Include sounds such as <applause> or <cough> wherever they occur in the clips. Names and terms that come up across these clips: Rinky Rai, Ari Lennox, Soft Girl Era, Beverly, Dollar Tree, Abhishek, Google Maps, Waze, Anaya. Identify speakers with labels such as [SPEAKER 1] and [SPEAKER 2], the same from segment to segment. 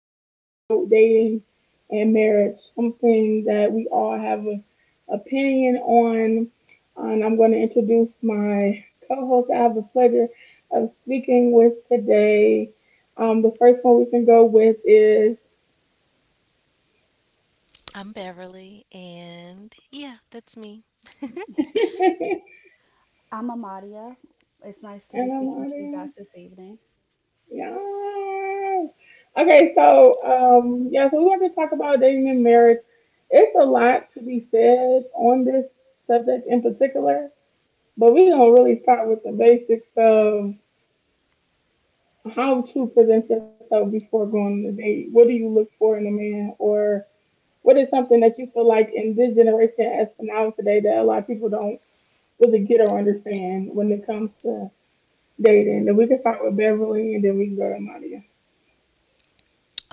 [SPEAKER 1] that is about dating and marriage, something that we all have an opinion on. And I'm going to introduce my co host I have the pleasure of speaking with today. The first one we can go with is
[SPEAKER 2] I'm Beverly, and yeah, that's me.
[SPEAKER 3] I'm Amadia. It's nice
[SPEAKER 1] <laughs>
[SPEAKER 3] to be
[SPEAKER 1] Anna
[SPEAKER 3] speaking to you
[SPEAKER 1] Maria.
[SPEAKER 3] guys this evening.
[SPEAKER 1] Yeah. Okay, so yeah, so we want to talk about dating and marriage. It's a lot to be said on this subject in particular, but we're gonna really start with the basics of how to present yourself before going on a date. What do you look for in a man, or what is something that you feel like in this generation as for now today that a lot of people don't really get or understand when it comes to dating? And we can start with Beverly, and then we can go to Nadia.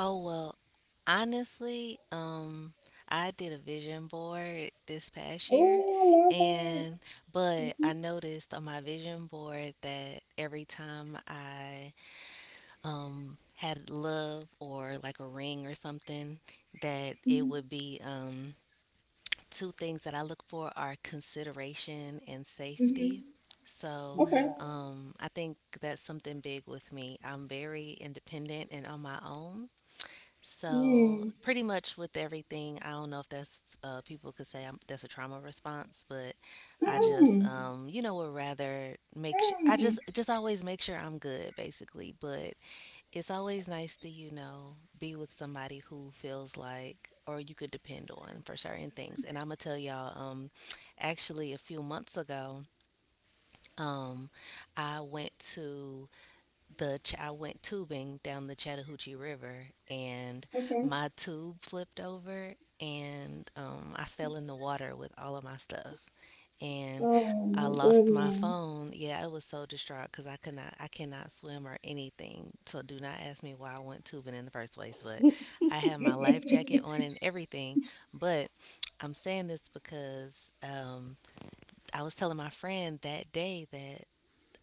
[SPEAKER 2] Oh, well, honestly, I did a vision board this past year,
[SPEAKER 1] Oh, I love her.
[SPEAKER 2] and but
[SPEAKER 3] hmm
[SPEAKER 2] I noticed on my vision board that every time I had love or like a ring or something, that it would be two things that I look for are consideration and
[SPEAKER 1] Mm-hmm.
[SPEAKER 2] safety. So
[SPEAKER 1] Okay.
[SPEAKER 3] hmm
[SPEAKER 2] I think that's something big with me. I'm very independent and on my own. So
[SPEAKER 1] Mm.
[SPEAKER 2] pretty much with everything, I don't know if that's people could say that's a trauma response, but I just
[SPEAKER 1] Mm.
[SPEAKER 2] would rather make sure I
[SPEAKER 1] Mm.
[SPEAKER 2] just always make sure I'm good basically. But it's always nice to be with somebody who feels like or you could depend on for certain things. And I'm gonna tell y'all actually a few months ago um, I went to I went tubing down the Chattahoochee River and
[SPEAKER 1] Okay.
[SPEAKER 2] my tube flipped over and I fell in the water with all of my stuff and
[SPEAKER 1] Oh
[SPEAKER 2] I
[SPEAKER 1] my
[SPEAKER 2] lost my
[SPEAKER 1] goodness.
[SPEAKER 2] phone. Yeah, I was so distraught because I could not, I cannot swim or anything. So do not ask me why I went tubing in the first place. But I
[SPEAKER 3] <laughs>
[SPEAKER 2] had my life jacket on
[SPEAKER 1] <laughs>
[SPEAKER 2] and everything. But I'm saying this because I was telling my friend that day that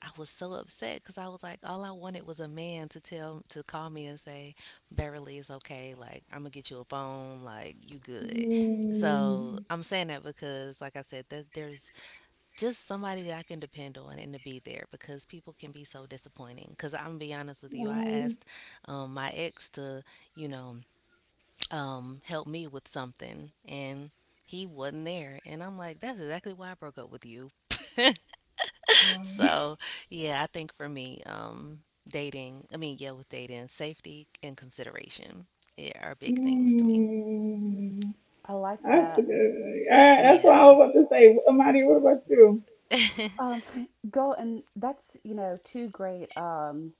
[SPEAKER 2] I was so upset because I was like, all I wanted was a man to call me and say, Beverly, it's okay. Like I'm gonna get you a phone. Like you good. So
[SPEAKER 1] Mm.
[SPEAKER 2] I'm saying that because, like I said, that there's just somebody that I can depend on and to be there because people can be so disappointing. Because I'm gonna be honest with you, I
[SPEAKER 1] Wow.
[SPEAKER 2] asked my ex to, you know, help me with something and he wasn't there. And I'm like, that's exactly why I broke up with you. So, yeah, I think for me, dating, I mean, yeah, with dating, safety and consideration, yeah, are big things to me.
[SPEAKER 1] Mm.
[SPEAKER 3] I like
[SPEAKER 1] That's a
[SPEAKER 3] that.
[SPEAKER 1] good. All right, that's what
[SPEAKER 2] Yeah.
[SPEAKER 1] I was about to say. Amadi, what about you?
[SPEAKER 3] Um, go and that's, you know, two great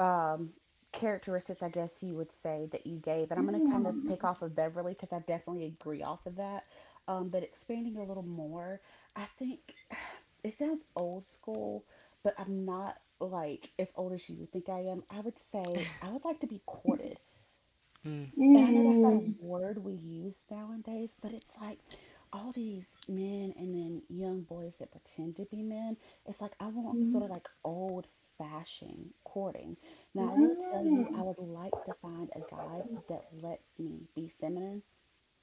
[SPEAKER 3] um, characteristics, I guess you would say, that you gave. And I'm
[SPEAKER 1] Yeah.
[SPEAKER 3] going to kind of pick off of Beverly because I definitely agree off of that. But expanding a little more, I think <sighs> it sounds old school, but I'm not like as old as you think I am. I would say I would like to be courted,
[SPEAKER 2] Mm.
[SPEAKER 3] and I know that's not a
[SPEAKER 1] Mm.
[SPEAKER 3] word we use nowadays, but it's like all these men and then young boys that pretend to be men. It's like I want sort
[SPEAKER 1] Mm.
[SPEAKER 3] of like old fashioned courting. Now, I will tell you,
[SPEAKER 1] Yeah.
[SPEAKER 3] I would like to find a guy that lets me be feminine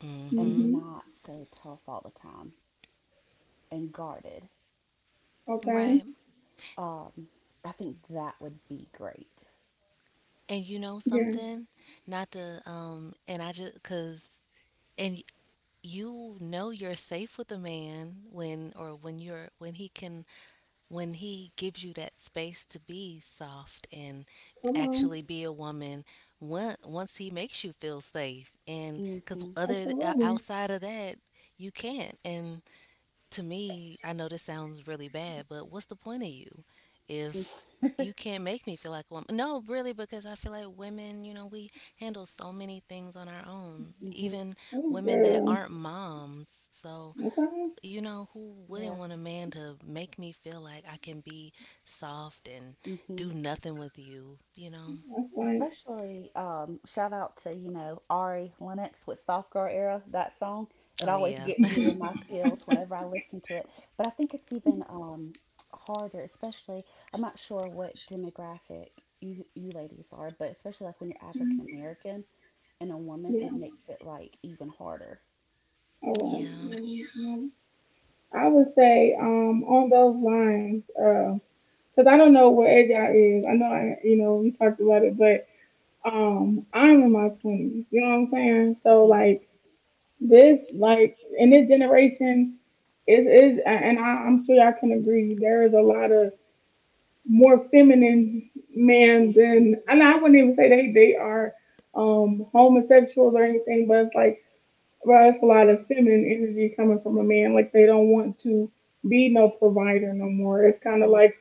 [SPEAKER 2] Mm-hmm.
[SPEAKER 3] and
[SPEAKER 1] Mm-hmm.
[SPEAKER 3] not so tough all the time and guarded.
[SPEAKER 1] Okay.
[SPEAKER 2] Right.
[SPEAKER 3] Um, I think that would be great.
[SPEAKER 2] And you know
[SPEAKER 1] Yeah.
[SPEAKER 2] something? Not to and I just cuz and you're safe with a man when or when you're when he can when he gives you that space to be soft and
[SPEAKER 1] Come on.
[SPEAKER 2] actually be a woman. Once he makes you feel safe, and
[SPEAKER 3] hmm
[SPEAKER 2] because
[SPEAKER 3] hmm
[SPEAKER 1] Absolutely.
[SPEAKER 2] outside of that you can't. And to me, I know this sounds really bad, but what's the point of you if you
[SPEAKER 3] <laughs>
[SPEAKER 2] can't make me feel like a woman? No, really, because I feel like women, we handle so many things on our own, even
[SPEAKER 1] Oh,
[SPEAKER 2] women that
[SPEAKER 1] girl.
[SPEAKER 2] aren't moms. So,
[SPEAKER 1] Okay.
[SPEAKER 2] who wouldn't
[SPEAKER 3] Yeah.
[SPEAKER 2] want a man to make me feel like I can be soft and
[SPEAKER 3] Mhm.
[SPEAKER 2] do nothing with you, you know?
[SPEAKER 1] That's right.
[SPEAKER 3] Especially, shout out to, you know, Ari Lennox with Soft Girl Era, that song. It
[SPEAKER 2] Oh,
[SPEAKER 3] always
[SPEAKER 2] yeah.
[SPEAKER 3] gets
[SPEAKER 2] <laughs>
[SPEAKER 3] me in my feels whenever I listen to it. But I think it's even harder, especially, I'm not sure what demographic you ladies are, but especially like when you're African American and a woman, it makes it like even harder.
[SPEAKER 1] All
[SPEAKER 2] Yeah.
[SPEAKER 1] right. I would say on those lines, because I don't know what age I is. I know I, you know, we talked about it, but I'm in my twenties. You know what I'm saying? So
[SPEAKER 3] Mhm,
[SPEAKER 1] like this, like in this generation, is, and I'm sure y'all can agree. There is a lot of more feminine men
[SPEAKER 3] mhm,
[SPEAKER 1] than, and I wouldn't even say they are homosexuals or anything, but it's like well, it's a lot of feminine energy coming from a man. Like they don't want to be no provider no more. It's kind of
[SPEAKER 3] mhm,
[SPEAKER 1] like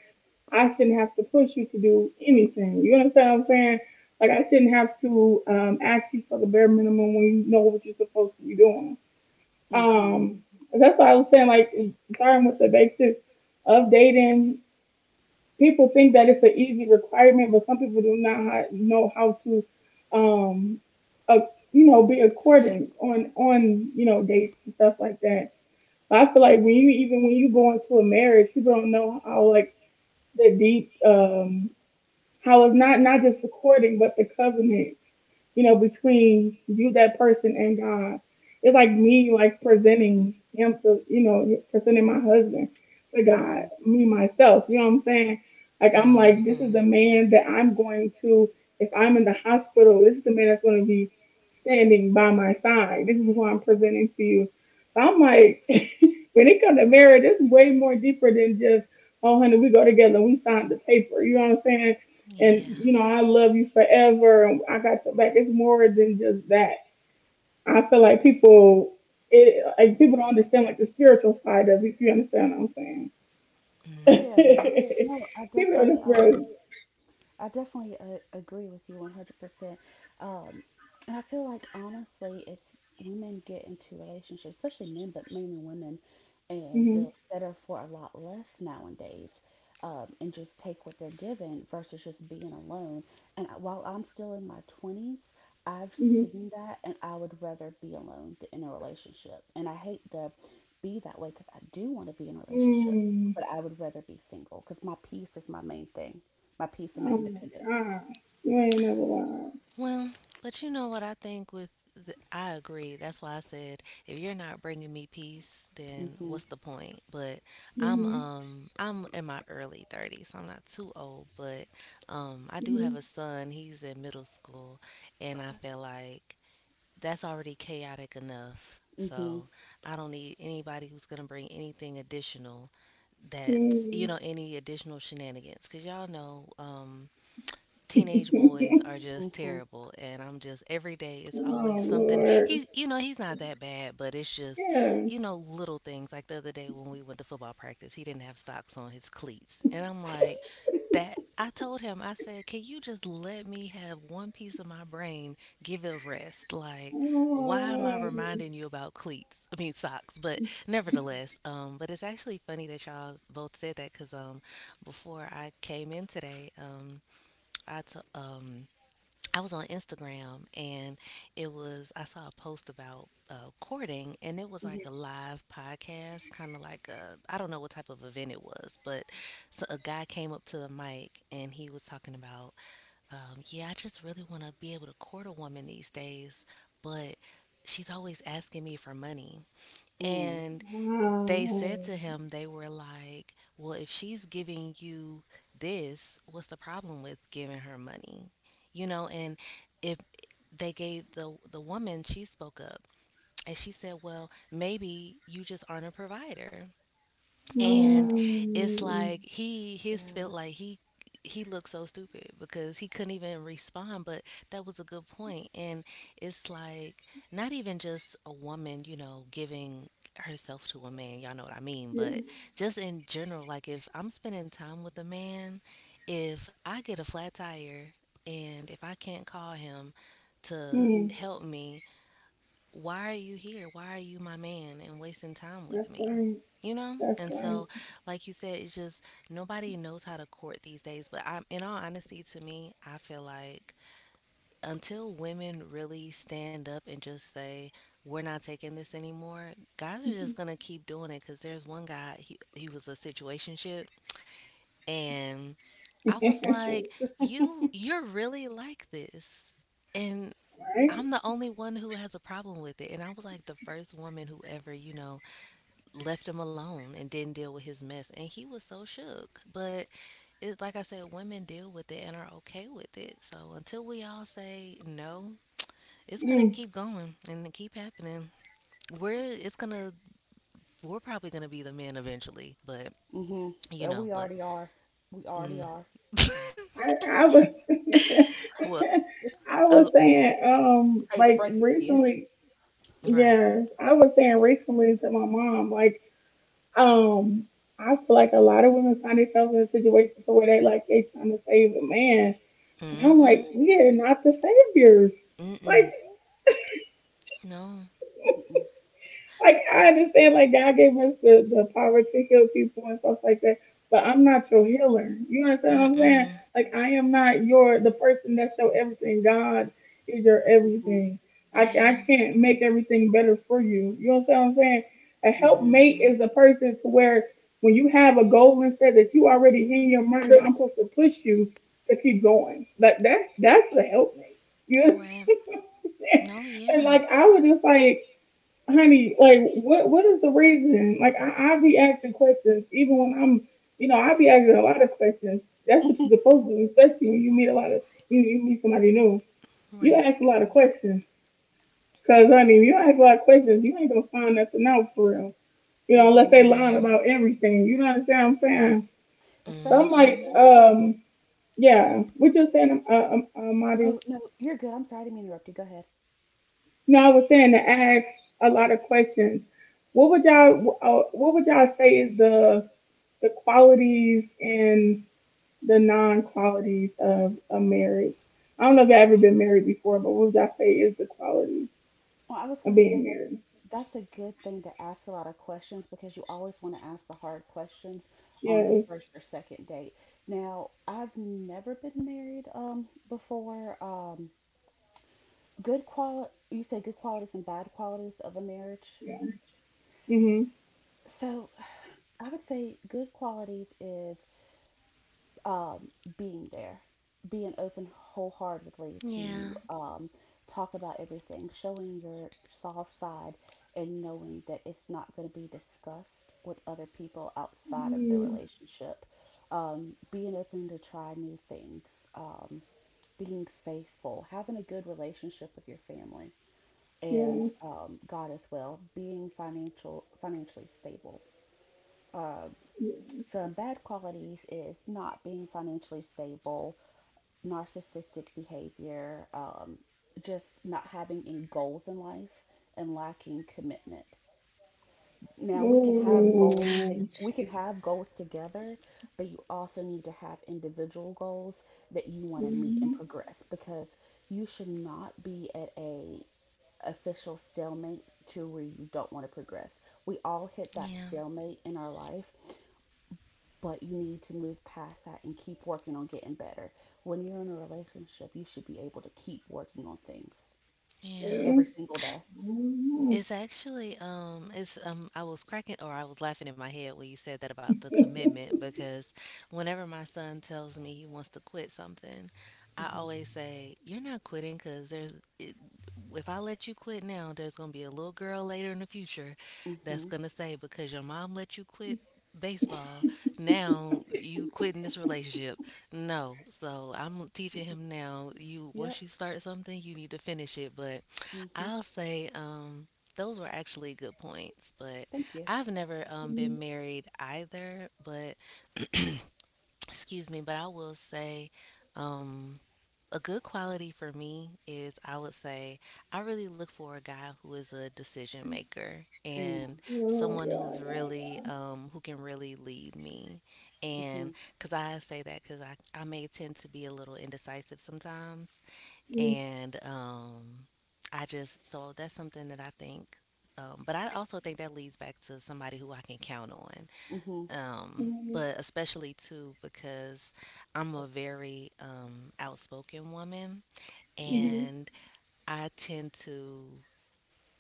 [SPEAKER 1] I shouldn't have to push you to do anything. You understand what I'm saying? Like I shouldn't have to ask you for the bare minimum when you know what you're supposed to be doing.
[SPEAKER 3] mhm,
[SPEAKER 1] Um, that's why I was saying like starting with the basics of dating people think that it's an easy requirement, but some people do not know how to, um, uh, you know, be accordant on you know dates and stuff like that. But I feel like when you even when you go into a marriage, people don't know how like the deep how it's not just the courting but the covenant, you know, between you that person and God. It's like me like presenting him to, you know, presenting my husband to God
[SPEAKER 3] mhm.
[SPEAKER 1] me myself, you know what I'm saying. Like I'm
[SPEAKER 2] Mm
[SPEAKER 1] like this
[SPEAKER 2] hmm
[SPEAKER 1] is the man that I'm going to, if I'm in the hospital this is the man that's going to be standing by my side, this is who I'm presenting to you. So I'm like <laughs> when it comes to marriage it's way more deeper than just, oh honey we go together we signed the paper, you know what I'm saying, and
[SPEAKER 2] Yeah.
[SPEAKER 1] you know I love you forever and I got your back. It's more than just that. I feel like people it like people don't understand like the spiritual side of it. If you understand what I'm saying,
[SPEAKER 3] Oh
[SPEAKER 1] <laughs>
[SPEAKER 3] yeah,
[SPEAKER 2] Hmm.
[SPEAKER 3] no, I
[SPEAKER 1] people on
[SPEAKER 3] definitely.
[SPEAKER 1] the spiritual.
[SPEAKER 3] I definitely agree with you 100%. Um, and I feel like honestly, it's women get into relationships, especially men, but mainly women, and
[SPEAKER 1] Mm-hmm,
[SPEAKER 3] they'll settle for a lot less nowadays, and just take what they're given versus just being alone. And while I'm still in my 20s, I've
[SPEAKER 1] mm-hmm.
[SPEAKER 3] seen that, and I would rather be alone than in a relationship. And I hate to be that way because I do want to be in a relationship,
[SPEAKER 1] Mm,
[SPEAKER 3] but I would rather be single because my peace is my main thing, my peace and my
[SPEAKER 1] oh my
[SPEAKER 3] independence.
[SPEAKER 1] God, you ain't never lied.
[SPEAKER 2] Well, but you know what I think I agree. That's why I said if you're not bringing me peace, then what's
[SPEAKER 3] Mhm.
[SPEAKER 2] the point? But I'm
[SPEAKER 1] Hmm
[SPEAKER 2] um I'm in my early 30s. I'm not too old, but I do have a son. He's in middle school, and I
[SPEAKER 3] Okay.
[SPEAKER 2] feel like that's already chaotic enough. So
[SPEAKER 3] Mhm.
[SPEAKER 2] I don't need anybody who's gonna bring anything additional.
[SPEAKER 1] hmm
[SPEAKER 2] That's
[SPEAKER 1] mm.
[SPEAKER 2] any additional shenanigans because y'all know teenage boys are
[SPEAKER 1] <laughs>
[SPEAKER 2] just
[SPEAKER 3] Mhm.
[SPEAKER 2] terrible, and I'm just every day it's always
[SPEAKER 1] Oh
[SPEAKER 2] something.
[SPEAKER 1] Lord,
[SPEAKER 2] He's you know he's not that bad, but it's just
[SPEAKER 1] yeah.
[SPEAKER 2] little things like the other day when we went to football practice he didn't have socks on his cleats, and I'm like, that, I told him, I said, can you just let me have one piece of my brain? Give it a rest. Like, why am I
[SPEAKER 1] Oh,
[SPEAKER 2] reminding you about cleats, I mean, socks? But nevertheless, but it's actually funny that y'all both said that because before I came in today, I t- um I was on Instagram, and it was I saw a post about courting, and it was
[SPEAKER 3] Mhm.
[SPEAKER 2] like a live podcast, kind of like a I don't know what type of event it was, but so a guy came up to the mic and he was talking about, yeah, I just really want to be able to court a woman these days, but she's always asking me for money,
[SPEAKER 3] Mm.
[SPEAKER 2] and they said
[SPEAKER 1] wow.
[SPEAKER 2] to him, they were like, well, if she's giving you this, what's the problem with giving her money? And if they gave the woman, she spoke up, and she said, well, maybe you just aren't a provider.
[SPEAKER 3] Oh
[SPEAKER 2] And
[SPEAKER 3] wow.
[SPEAKER 2] it's
[SPEAKER 1] Mm,
[SPEAKER 2] like he his felt
[SPEAKER 3] Yeah.
[SPEAKER 2] like he looked so stupid because he couldn't even respond, but that was a good point. And it's like not even just a woman giving herself to a man, y'all know what I mean,
[SPEAKER 1] yeah.
[SPEAKER 2] but just in general, like, if I'm spending time with a man, if I get a flat tire and if I can't call him to
[SPEAKER 3] Mhm.
[SPEAKER 1] Mm,
[SPEAKER 2] help me, why are you here? Why are you my man and wasting time with
[SPEAKER 1] that's
[SPEAKER 2] me?
[SPEAKER 1] right.
[SPEAKER 2] You know?
[SPEAKER 1] That's
[SPEAKER 2] And
[SPEAKER 1] right.
[SPEAKER 2] so,
[SPEAKER 1] <laughs>
[SPEAKER 2] like you said, it's just nobody knows how to court these days. But I'm, in all honesty, to me, I feel like until women really stand up and just say, we're not taking this anymore, guys are just going to keep doing it. Because there's one guy, he was a situationship. And I was like, you're really like this. And
[SPEAKER 1] Right?
[SPEAKER 2] I'm the only one who has a problem with it. And I was like the first woman who ever, left him alone and didn't deal with his mess. And he was so shook. But it's like I said, women deal with it and are okay with it. So until we all say no, it's gonna
[SPEAKER 1] Mm.
[SPEAKER 2] keep going and keep happening. We're it's gonna we're probably gonna be the men eventually, but
[SPEAKER 3] Mhm. <laughs>
[SPEAKER 2] you
[SPEAKER 3] We
[SPEAKER 2] know, but
[SPEAKER 3] already are. We already
[SPEAKER 2] mm.
[SPEAKER 3] are.
[SPEAKER 1] I,
[SPEAKER 2] <laughs>
[SPEAKER 1] I was <laughs>
[SPEAKER 2] Well,
[SPEAKER 1] I
[SPEAKER 2] I,
[SPEAKER 1] was saying,
[SPEAKER 3] Hate to
[SPEAKER 1] like
[SPEAKER 3] break it to you.
[SPEAKER 1] recently
[SPEAKER 2] was, right,
[SPEAKER 1] yeah, I was saying recently to my mom, like, um, I feel like a lot of women find themselves in a situation to where they like they trying to save a man. And I'm
[SPEAKER 2] mm-hmm,
[SPEAKER 1] like, we are not the saviors.
[SPEAKER 2] mm-mm,
[SPEAKER 1] Like.
[SPEAKER 2] no,
[SPEAKER 3] Mm-mm.
[SPEAKER 1] Like I understand, like God gave us the power to heal people and stuff like that, but I'm not your healer. You understand what I'm saying?
[SPEAKER 2] mm-mm.
[SPEAKER 1] Like I am not your the person that's your everything. God is your
[SPEAKER 3] Mhm.
[SPEAKER 1] everything. I
[SPEAKER 2] Yeah.
[SPEAKER 1] can't make everything better for you. You understand what I'm saying? A helpmate
[SPEAKER 2] Mhm.
[SPEAKER 1] is a person to where when you have a goal and set that you already in your mind, I'm supposed to push you to keep going. Like that's the helpmate. You understand?
[SPEAKER 2] Right.
[SPEAKER 1] <laughs>
[SPEAKER 2] No,
[SPEAKER 1] And
[SPEAKER 2] yeah.
[SPEAKER 1] like I was just like honey, like what is the reason? Like I be asking questions even when I'm, you know, I be asking a lot of questions. That's what
[SPEAKER 3] Mhm.
[SPEAKER 1] you're supposed to do, especially when you meet a lot of you, you meet somebody new. You
[SPEAKER 2] Right.
[SPEAKER 1] ask a lot of questions. Cause honey, if you ask a lot of questions, you ain't gonna find nothing out for real. You know, unless
[SPEAKER 3] Mhm.
[SPEAKER 1] they
[SPEAKER 3] <laughs>
[SPEAKER 2] Yeah.
[SPEAKER 1] lying about everything. You know what I'm saying? So I'm
[SPEAKER 3] Especially
[SPEAKER 2] Mhm.
[SPEAKER 1] like,
[SPEAKER 3] the.
[SPEAKER 1] yeah, what you're saying, Maria?
[SPEAKER 3] Oh no, you're good. I'm sorry. I didn't mean to interrupt you. Go ahead.
[SPEAKER 1] No, I was saying to ask a lot of questions. What would y'all say is the qualities and the non qualities of a marriage. I don't know if I've ever been married before, but what would I say is the quality
[SPEAKER 3] Well, I was
[SPEAKER 1] of
[SPEAKER 3] gonna
[SPEAKER 1] being
[SPEAKER 3] say,
[SPEAKER 1] married?
[SPEAKER 3] that's a good thing to ask a lot of questions because you always want to ask the hard questions on the
[SPEAKER 1] Yes,
[SPEAKER 3] first or second date. Now, I've never been married before. Good qual You say good qualities and bad qualities of a marriage.
[SPEAKER 1] yeah. Mhm.
[SPEAKER 3] So, I would say good qualities is um, being there, being open wholeheartedly
[SPEAKER 2] Yeah.
[SPEAKER 3] to talk about everything, showing your soft side, and knowing that it's not going to be discussed with other people outside of the
[SPEAKER 1] Mm,
[SPEAKER 3] relationship. Being open to try new things, um, being faithful, having a good relationship with your family and
[SPEAKER 1] Yeah.
[SPEAKER 3] God as well, being financially stable. Um,
[SPEAKER 1] yeah.
[SPEAKER 3] some bad qualities is not being financially stable, narcissistic behavior, just not having any goals in life and lacking commitment. Now we can have goals to,
[SPEAKER 1] Ooh.
[SPEAKER 3] we can have goals together, but you also need to have individual goals that you want to meet and
[SPEAKER 1] Mhm.
[SPEAKER 3] progress because you should not be at a official stalemate to where you don't want to progress. We all hit that
[SPEAKER 2] Yeah.
[SPEAKER 3] stalemate in our life, but you need to move past that and keep working on getting better. When you're in a relationship, you should be able to keep working on things
[SPEAKER 2] Yeah.
[SPEAKER 3] every
[SPEAKER 1] Okay.
[SPEAKER 3] single day.
[SPEAKER 2] It's
[SPEAKER 1] Mhm.
[SPEAKER 2] actually it's I was cracking or I was laughing in my head when you said that about the
[SPEAKER 1] <laughs>
[SPEAKER 2] commitment because whenever my son tells me he wants to quit something, I
[SPEAKER 3] Mhm.
[SPEAKER 2] always say, "You're not quitting cuz there's it, if I let you quit now, there's going to be a little girl later in the future that's going
[SPEAKER 3] Mhm.
[SPEAKER 2] to say because your mom let you quit baseball, now you quitting this relationship." No. So, I'm teaching him now, you once
[SPEAKER 3] Yep.
[SPEAKER 2] you start something, you need to finish it, but
[SPEAKER 3] Mhm.
[SPEAKER 2] I'll say those were actually good points, but
[SPEAKER 3] Thank you.
[SPEAKER 2] I've never been married either. But excuse me, but I will say, um, a good quality for me is I would say I really look for a guy who is a decision maker
[SPEAKER 3] Mm.
[SPEAKER 2] and someone
[SPEAKER 1] Oh, yeah, yeah, yeah.
[SPEAKER 2] who can really lead me. And
[SPEAKER 3] Mhm.
[SPEAKER 2] because I say that because I may tend to be a little indecisive sometimes
[SPEAKER 1] Mhm.
[SPEAKER 2] and I just so that's something that I think. But I also think that leads back to somebody who I can count on.
[SPEAKER 3] Mhm.
[SPEAKER 2] Um,
[SPEAKER 1] Mhm.
[SPEAKER 2] but especially too because I'm a very outspoken woman,
[SPEAKER 3] Mhm.
[SPEAKER 1] Mhm.
[SPEAKER 2] and I tend to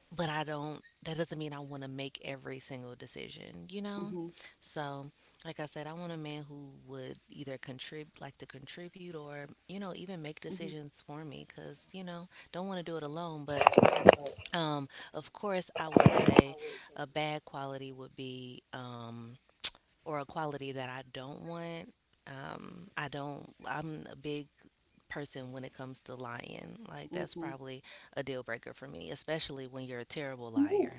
[SPEAKER 2] but I don't that doesn't mean I want to make every single decision, you know?
[SPEAKER 3] Mhm.
[SPEAKER 2] So, like I said, I want a man who would either contribute, like to contribute or, even make
[SPEAKER 3] Mhm.
[SPEAKER 2] decisions for me cuz, don't want to do it alone, but um of course I would say a bad quality would be or a quality that I don't want. I don't, I'm a big person when it comes to lying. Like, that's
[SPEAKER 3] Mhm.
[SPEAKER 2] probably a deal breaker for me, especially when you're a terrible
[SPEAKER 1] Yeah,
[SPEAKER 2] liar.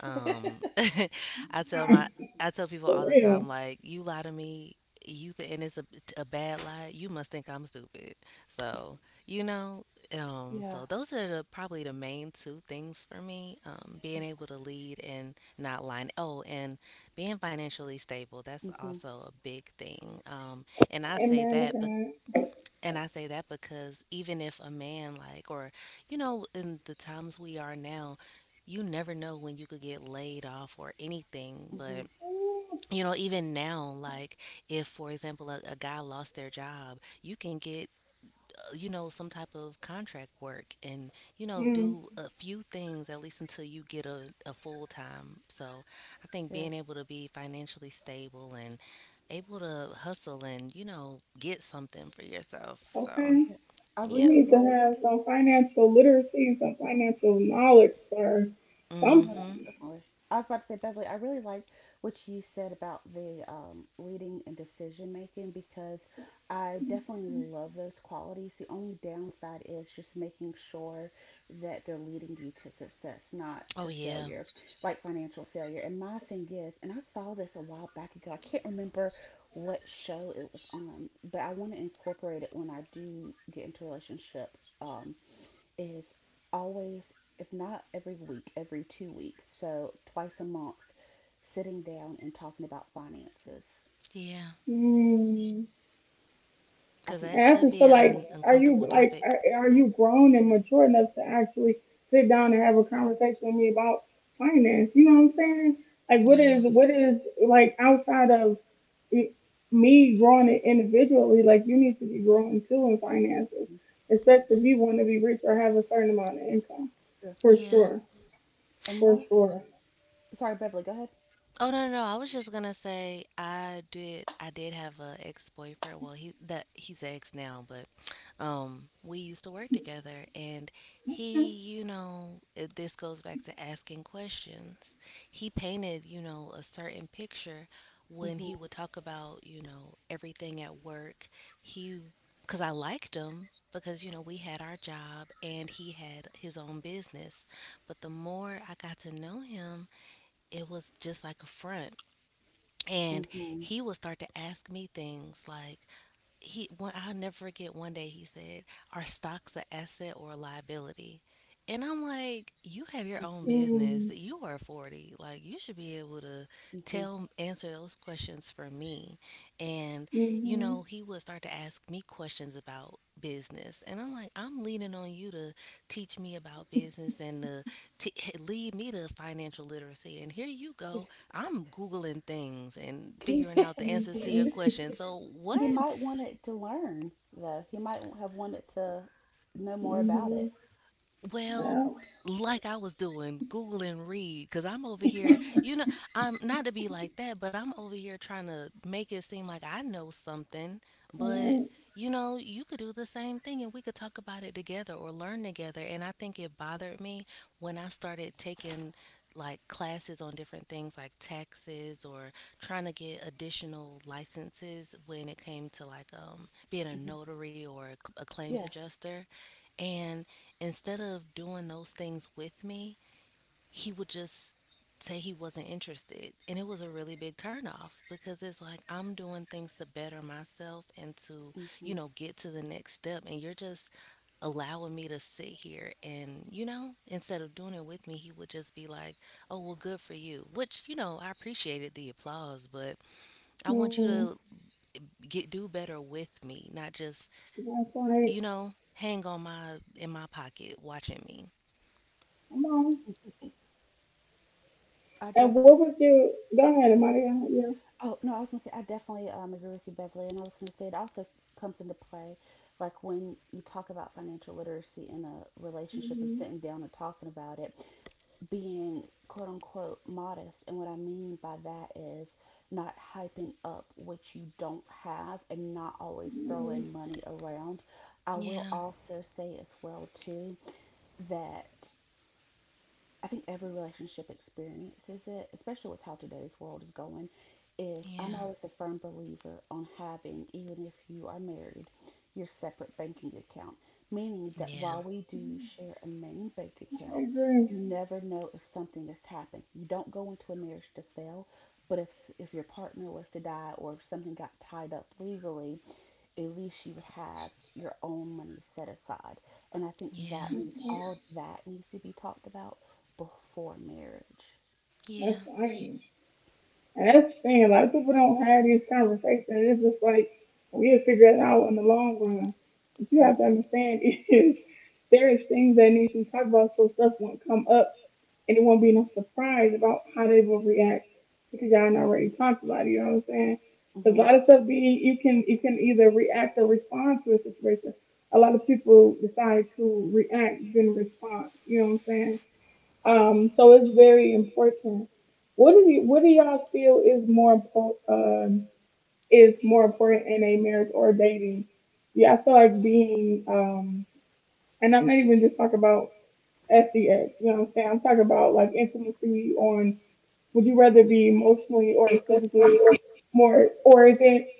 [SPEAKER 2] Um, <laughs> I tell my, I tell people
[SPEAKER 1] For
[SPEAKER 2] all the time,
[SPEAKER 1] real.
[SPEAKER 2] like, you lie to me, and it's a bad lie. You must think I'm stupid. So, you know, um,
[SPEAKER 3] Yeah.
[SPEAKER 2] so those are the probably the main two things for me. Being able to lead and not line. Oh, and being financially stable. That's
[SPEAKER 3] Mhm.
[SPEAKER 2] also a big thing. And I
[SPEAKER 1] Amen
[SPEAKER 2] say
[SPEAKER 1] to
[SPEAKER 2] that, but and I say that because even if a man like, or in the times we are now, you never know when you could get laid off or anything.
[SPEAKER 3] Mhm.
[SPEAKER 2] But
[SPEAKER 1] that.
[SPEAKER 2] even now, like, if for example a guy lost their job, you can get some type of contract work and
[SPEAKER 1] Mm.
[SPEAKER 2] do a few things at least until you get a full time, so I think
[SPEAKER 3] Yeah.
[SPEAKER 2] being able to be financially stable and able to hustle and get something for yourself,
[SPEAKER 1] Okay.
[SPEAKER 2] so
[SPEAKER 3] Yeah. I
[SPEAKER 1] You
[SPEAKER 2] yeah,
[SPEAKER 3] really
[SPEAKER 1] need to
[SPEAKER 3] like.
[SPEAKER 1] have some financial literacy and some financial knowledge or
[SPEAKER 3] Oh, most
[SPEAKER 2] mm-hmm,
[SPEAKER 1] something.
[SPEAKER 3] definitely. I was about to say, Beverly, I really like what you said about the leading and decision making because I definitely love those qualities. The only downside is just making sure that they're leading you to success, not to
[SPEAKER 2] oh yeah,
[SPEAKER 3] failure, like financial failure. And my thing is, and I saw this a while back ago, I can't remember what show it was on, but I want to incorporate it when I do get into a relationship. Um, is always, if not every week, every 2 weeks, so twice a month, sitting down and talking about finances.
[SPEAKER 2] yeah,
[SPEAKER 1] Mm.
[SPEAKER 3] I
[SPEAKER 1] And
[SPEAKER 2] because
[SPEAKER 3] think,
[SPEAKER 1] I
[SPEAKER 2] that
[SPEAKER 1] just
[SPEAKER 3] yeah,
[SPEAKER 1] feel
[SPEAKER 2] could be
[SPEAKER 1] like,
[SPEAKER 2] an
[SPEAKER 1] are you
[SPEAKER 2] uncomfortable
[SPEAKER 1] like,
[SPEAKER 2] topic,
[SPEAKER 1] are you grown and
[SPEAKER 3] yeah,
[SPEAKER 1] mature enough to actually sit down and have a conversation with me about finance? You know what I'm saying? Like,
[SPEAKER 2] yeah,
[SPEAKER 1] what is like outside of it- me growing it individually? Like, you need to be growing too in finances,
[SPEAKER 3] mhm,
[SPEAKER 1] especially if you want to be rich or have a certain amount of income,
[SPEAKER 3] yeah.
[SPEAKER 1] for
[SPEAKER 2] yeah.
[SPEAKER 1] sure,
[SPEAKER 3] And
[SPEAKER 1] for
[SPEAKER 3] that's,
[SPEAKER 1] sure.
[SPEAKER 3] sorry, Beverly, go ahead.
[SPEAKER 2] Oh, no, no, no. I was just gonna say I did have a ex boyfriend. Well he's an ex now, but we used to work together. And he, you know, this goes back to asking questions. He painted, you know, a certain picture when he
[SPEAKER 3] Mm-hmm,
[SPEAKER 2] would talk about, you know, everything at work. He Because I liked him because you know we had our job and he had his own business, but the more I got to know him, it was just like a front. And
[SPEAKER 3] mm-hmm,
[SPEAKER 2] he would start to ask me things like, he one I'll never forget, one day he said, "Are stocks an asset or a liability?" And I'm like, you have your own
[SPEAKER 3] mm-hmm,
[SPEAKER 1] Mhm.
[SPEAKER 2] business. You are 40. Like, you should be able to
[SPEAKER 3] mm-hmm.
[SPEAKER 2] answer those questions for me. And, you
[SPEAKER 1] Mhm.
[SPEAKER 2] know, he would start to ask me questions about business. And I'm like, I'm leaning on you to teach me about business and to t- lead me to financial literacy. And here you go,
[SPEAKER 3] <laughs>
[SPEAKER 2] I'm Googling things and
[SPEAKER 3] He,
[SPEAKER 2] figuring out the
[SPEAKER 3] <laughs>
[SPEAKER 2] answers to your
[SPEAKER 3] he,
[SPEAKER 1] Mhm.
[SPEAKER 2] questions. So,
[SPEAKER 3] he
[SPEAKER 2] what?
[SPEAKER 3] might wanted to learn, though. He might have wanted to know more about it.
[SPEAKER 1] Mhm.
[SPEAKER 2] Well,
[SPEAKER 1] Well,
[SPEAKER 2] like I was doing, Google and read, because I'm over here, you know, I'm not to be like that, but I'm over here trying to make it seem like I know something. But,
[SPEAKER 1] alright.
[SPEAKER 2] you know, you could do the same thing and we could talk about it together or learn together. And I think it bothered me when I started taking like classes on different things, like taxes, or trying to get additional licenses when it came to like being a
[SPEAKER 3] Hmm.
[SPEAKER 2] notary or a
[SPEAKER 3] Yeah.
[SPEAKER 2] claims adjuster. And instead of doing those things with me, he would just say he wasn't interested. And it was a really big turnoff because it's like I'm doing things to better myself and to,
[SPEAKER 3] Hmm.
[SPEAKER 2] you know, get to the next step. And you're just allowing me to sit here and, you know, instead of doing it with me, he would just be like, "Oh, well, good for you." Which, you know, I appreciated the applause, but I want you
[SPEAKER 1] Hmm.
[SPEAKER 3] Yeah.
[SPEAKER 2] to get do better with me, not just,
[SPEAKER 1] That's like,
[SPEAKER 2] you know, hang on my in my pocket watching me.
[SPEAKER 1] come on.
[SPEAKER 3] I def
[SPEAKER 1] And what would you go ahead, Maria? Yeah.
[SPEAKER 3] Oh, no, I was going to say, I definitely agree with you, Beverly. And I was going to say, it also comes into play, like when you talk about financial literacy in a relationship and
[SPEAKER 1] Mhm.
[SPEAKER 3] sitting down and talking about it, being quote unquote modest. And what I mean by that is not hyping up what you don't have and not always
[SPEAKER 1] Mhm.
[SPEAKER 3] throwing money around. I will
[SPEAKER 2] Yeah,
[SPEAKER 3] also say as well, too, that I think every relationship experiences it, especially with how today's world is going. Is I'm
[SPEAKER 2] yeah,
[SPEAKER 3] always a firm believer on having, even if you are married, your separate banking account. Meaning that
[SPEAKER 2] yeah,
[SPEAKER 3] while we do share a main bank
[SPEAKER 1] I
[SPEAKER 3] account,
[SPEAKER 1] agree.
[SPEAKER 3] you never know if something has happened. You don't go into a marriage to fail, but if your partner was to die or if something got tied up legally, at least you would have your own money set aside. And I think that
[SPEAKER 2] yeah.
[SPEAKER 3] needs, all that needs to be talked about before marriage.
[SPEAKER 1] That's
[SPEAKER 2] Yeah.
[SPEAKER 1] fine. And that's the thing. A lot of people don't have these conversations. It's just like we'll figure it out in the long run. What you have to
[SPEAKER 3] hmm
[SPEAKER 1] understand <laughs> is there is things that need to be talked about so stuff won't come up and it won't be no surprise about how they will react because y'all already talked about it. You know what I'm saying? Because a
[SPEAKER 3] hmm
[SPEAKER 1] lot of stuff being, you can either react or respond to a situation. A lot of people decide to react than respond. You know what I'm saying? So it's very important. What do you what do y'all feel is more important in a marriage or dating? Yeah, I feel like being and I'm not even just talking about SDX. You know what I'm saying? I'm talking about like intimacy on would you rather be emotionally or physically more or is it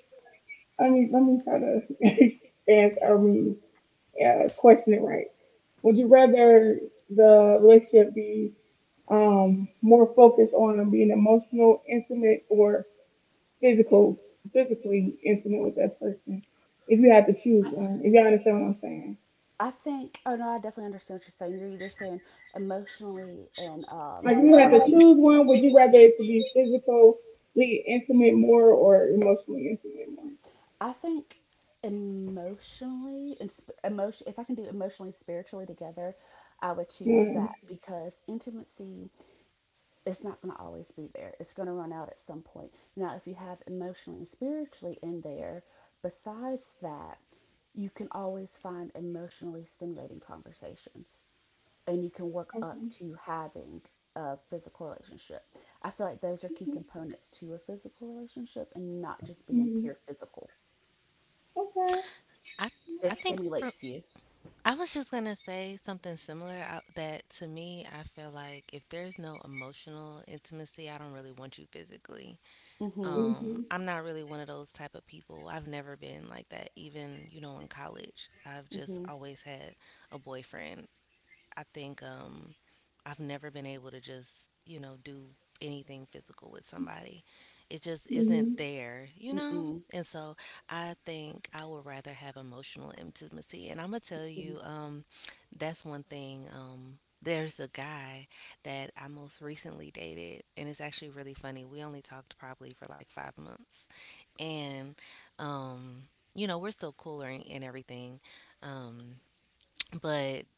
[SPEAKER 1] I mean let me try to <laughs> answer I mean question it right. Would you rather the relationship be more focused on being emotional, intimate or physical physically intimate with that person if you had to
[SPEAKER 3] I,
[SPEAKER 1] choose one, if you understand what I'm saying.
[SPEAKER 3] I think. Oh no, I definitely understand what you're saying. You're either saying emotionally and
[SPEAKER 1] Like you have
[SPEAKER 3] phys-
[SPEAKER 1] to choose one, would you rather it to be physically intimate more or emotionally intimate
[SPEAKER 3] I think emotionally and emotion. If I can do emotionally, spiritually together, I would choose
[SPEAKER 1] more?
[SPEAKER 3] that
[SPEAKER 1] Mm.
[SPEAKER 3] because intimacy, it's not going to always be there. It's going to run out at some point. Now, if you have emotionally and spiritually in there, besides that, you can always find emotionally stimulating conversations and you can work up
[SPEAKER 1] Okay.
[SPEAKER 3] to having a physical relationship. I feel like those are key components to a physical relationship and not just being
[SPEAKER 1] Mm.
[SPEAKER 3] pure physical.
[SPEAKER 1] Okay.
[SPEAKER 2] I I
[SPEAKER 3] It
[SPEAKER 2] think for
[SPEAKER 3] stimulates you.
[SPEAKER 2] I was just gonna say something similar. That to me, I feel like if there's no emotional intimacy, I don't really want you physically.
[SPEAKER 3] Mhm.
[SPEAKER 1] Mhm.
[SPEAKER 2] I'm not really one of those type of people. I've never been like that. Even you know in college, I've just
[SPEAKER 3] Mhm.
[SPEAKER 2] always had a boyfriend. I think I've never been able to just, you know, do anything physical with somebody. It just isn't
[SPEAKER 1] Mhm.
[SPEAKER 2] there, you know?
[SPEAKER 3] Mm-mm.
[SPEAKER 2] And so I think I would rather have emotional intimacy. And I'm going to tell you, that's one thing. There's a guy that I most recently dated, and it's actually really funny. We only talked probably for like 5 months. And, um, you know, we're still cool and everything. Um, but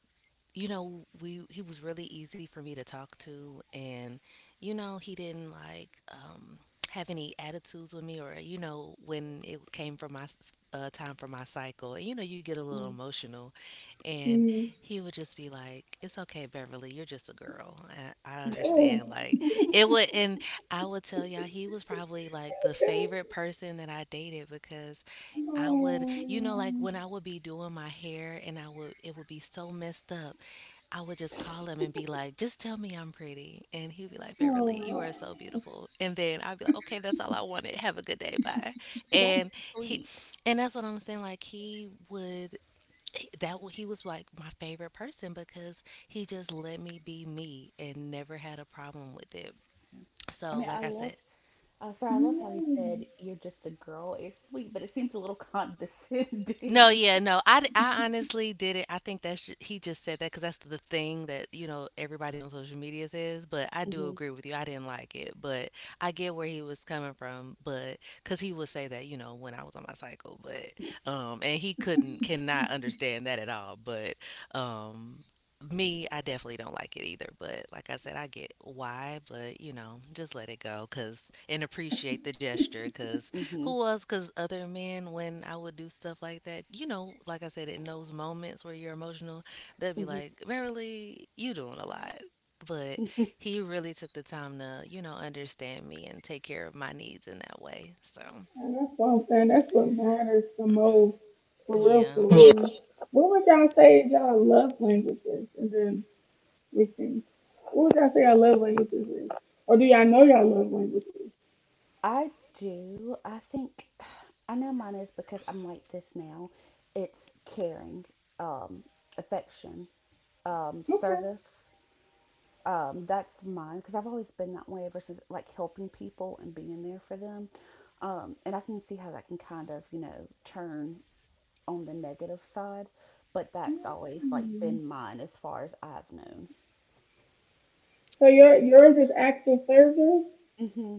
[SPEAKER 2] you know, we he was really easy for me to talk to, and you know, he didn't like have any attitudes with me, or you know, when it came for my time for my cycle, and you know, you get a little
[SPEAKER 3] Mm-mm.
[SPEAKER 2] emotional, and
[SPEAKER 1] Mhm.
[SPEAKER 2] he would just be like, "It's okay, Beverly, you're just a girl. I
[SPEAKER 3] <laughs>
[SPEAKER 1] Oh.
[SPEAKER 2] understand." Like, it would, and I would tell y'all, he was probably like the favorite
[SPEAKER 1] Okay.
[SPEAKER 2] person that I dated, because I would, you know, like
[SPEAKER 1] Oh.
[SPEAKER 2] when I would be doing my hair and I would, it would be so messed up, I would just call him and be like, "Just tell me I'm pretty." And he'd be like, "Beverly, you
[SPEAKER 1] Oh.
[SPEAKER 2] are so beautiful." And then I'd be like, "Okay, that's all I wanted. Have a good day. Bye." And
[SPEAKER 3] That's
[SPEAKER 2] he,
[SPEAKER 3] sweet.
[SPEAKER 2] and that's what I'm saying. Like, he would that he was like my favorite person because he just let me be me and never had a problem with it.
[SPEAKER 3] Yeah. I
[SPEAKER 2] So,
[SPEAKER 3] mean, I
[SPEAKER 2] like I
[SPEAKER 3] love,
[SPEAKER 2] said,
[SPEAKER 3] sorry, I love how he
[SPEAKER 1] Mm.
[SPEAKER 3] said you're just a girl. It's sweet, but it seems a little
[SPEAKER 2] no,
[SPEAKER 3] condescending.
[SPEAKER 2] yeah,
[SPEAKER 3] <laughs>
[SPEAKER 2] no. I honestly did it I think that's ju he just said that because that's the thing that, you know, everybody on social media says, but I do
[SPEAKER 3] Mhm.
[SPEAKER 2] agree with you. I didn't like it, but I get where he was coming from. But because he would say that, you know, when I was on my cycle, but, and he couldn't cannot understand that at all, but, um, me, I definitely don't like it either, but like I said, I get why, but, you know, just let it go, cause, and appreciate the gesture, cause.
[SPEAKER 3] Mhm.
[SPEAKER 2] Who was? Because other men, when I would do stuff like that, you know, like I said, in those moments where you're emotional, they'd be
[SPEAKER 3] Mhm.
[SPEAKER 2] like, "Verily, you doing a lot." But
[SPEAKER 3] <laughs>
[SPEAKER 2] he really took the time to, you know, understand me and take care of my needs in that way. So,
[SPEAKER 1] And that's what I'm saying. That's what matters the most, for real,
[SPEAKER 2] yeah.
[SPEAKER 1] for Yeah. real. What would y'all say is y'all love languages? And then listen. What would y'all say our love languages is? Or do y'all know y'all love languages?
[SPEAKER 3] I do. I think <sighs> I know mine is because I'm like this now. It's caring, um, affection,
[SPEAKER 1] Okay.
[SPEAKER 3] service. That's mine because I've always been that way versus like helping people and being there for them. And I can see how that can kind of, you know, turn on the negative side, but that's always like
[SPEAKER 1] Mm.
[SPEAKER 3] been mine as far as I've known.
[SPEAKER 1] So your yours is acts of service?
[SPEAKER 3] Hmm.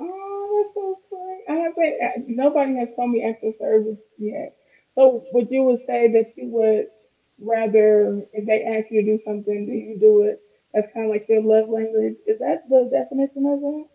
[SPEAKER 1] Oh, that's so sweet. I haven't nobody has told me acts of service yet. So would you would say that you would rather if they ask you to do something, do you do it? That's kind of like your love language. Is that the definition of that?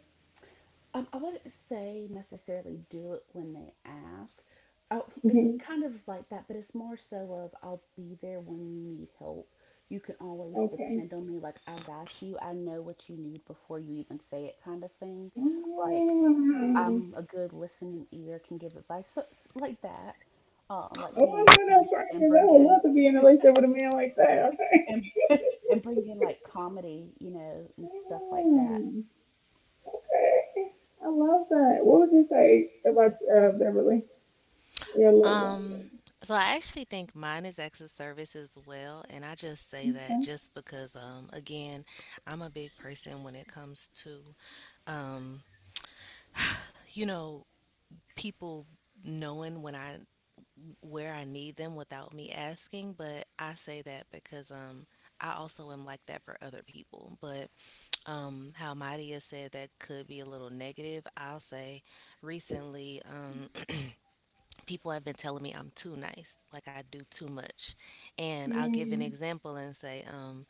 [SPEAKER 3] I wouldn't say necessarily do it when they ask. I It
[SPEAKER 1] Hmm
[SPEAKER 3] kind of is like that, but it's more so of I'll be there when you need help. You can always
[SPEAKER 1] Okay.
[SPEAKER 3] depend on me. Like I got you. I know what you need before you even say it, kind of thing. Like
[SPEAKER 1] Mm.
[SPEAKER 3] I'm a good listening ear, can give advice, so, like that. Like
[SPEAKER 1] Oh,
[SPEAKER 3] be
[SPEAKER 1] I
[SPEAKER 3] in
[SPEAKER 1] know
[SPEAKER 3] peace
[SPEAKER 1] that's right,
[SPEAKER 3] and
[SPEAKER 1] cause I
[SPEAKER 3] bring
[SPEAKER 1] would
[SPEAKER 3] in,
[SPEAKER 1] love to be in a relationship with a man like that. Okay. <laughs>
[SPEAKER 3] and <laughs> and bring in like comedy, you know, and stuff like that.
[SPEAKER 1] Mm, okay. I love that. What would you say about
[SPEAKER 3] Okay.
[SPEAKER 1] Beverly? Your love
[SPEAKER 2] Um,
[SPEAKER 1] language.
[SPEAKER 2] so I actually think mine is acts of service as well, and I just say that
[SPEAKER 1] Okay.
[SPEAKER 2] just because, again, I'm a big person when it comes to, um, you know, people knowing when I where I need them without me asking, but I say that because I also am like that for other people. But um, how Madia said that could be a little negative, I'll say recently <clears throat> people have been telling me I'm too nice, like I do too much. And I'll give an
[SPEAKER 1] Mm,
[SPEAKER 2] example and say um,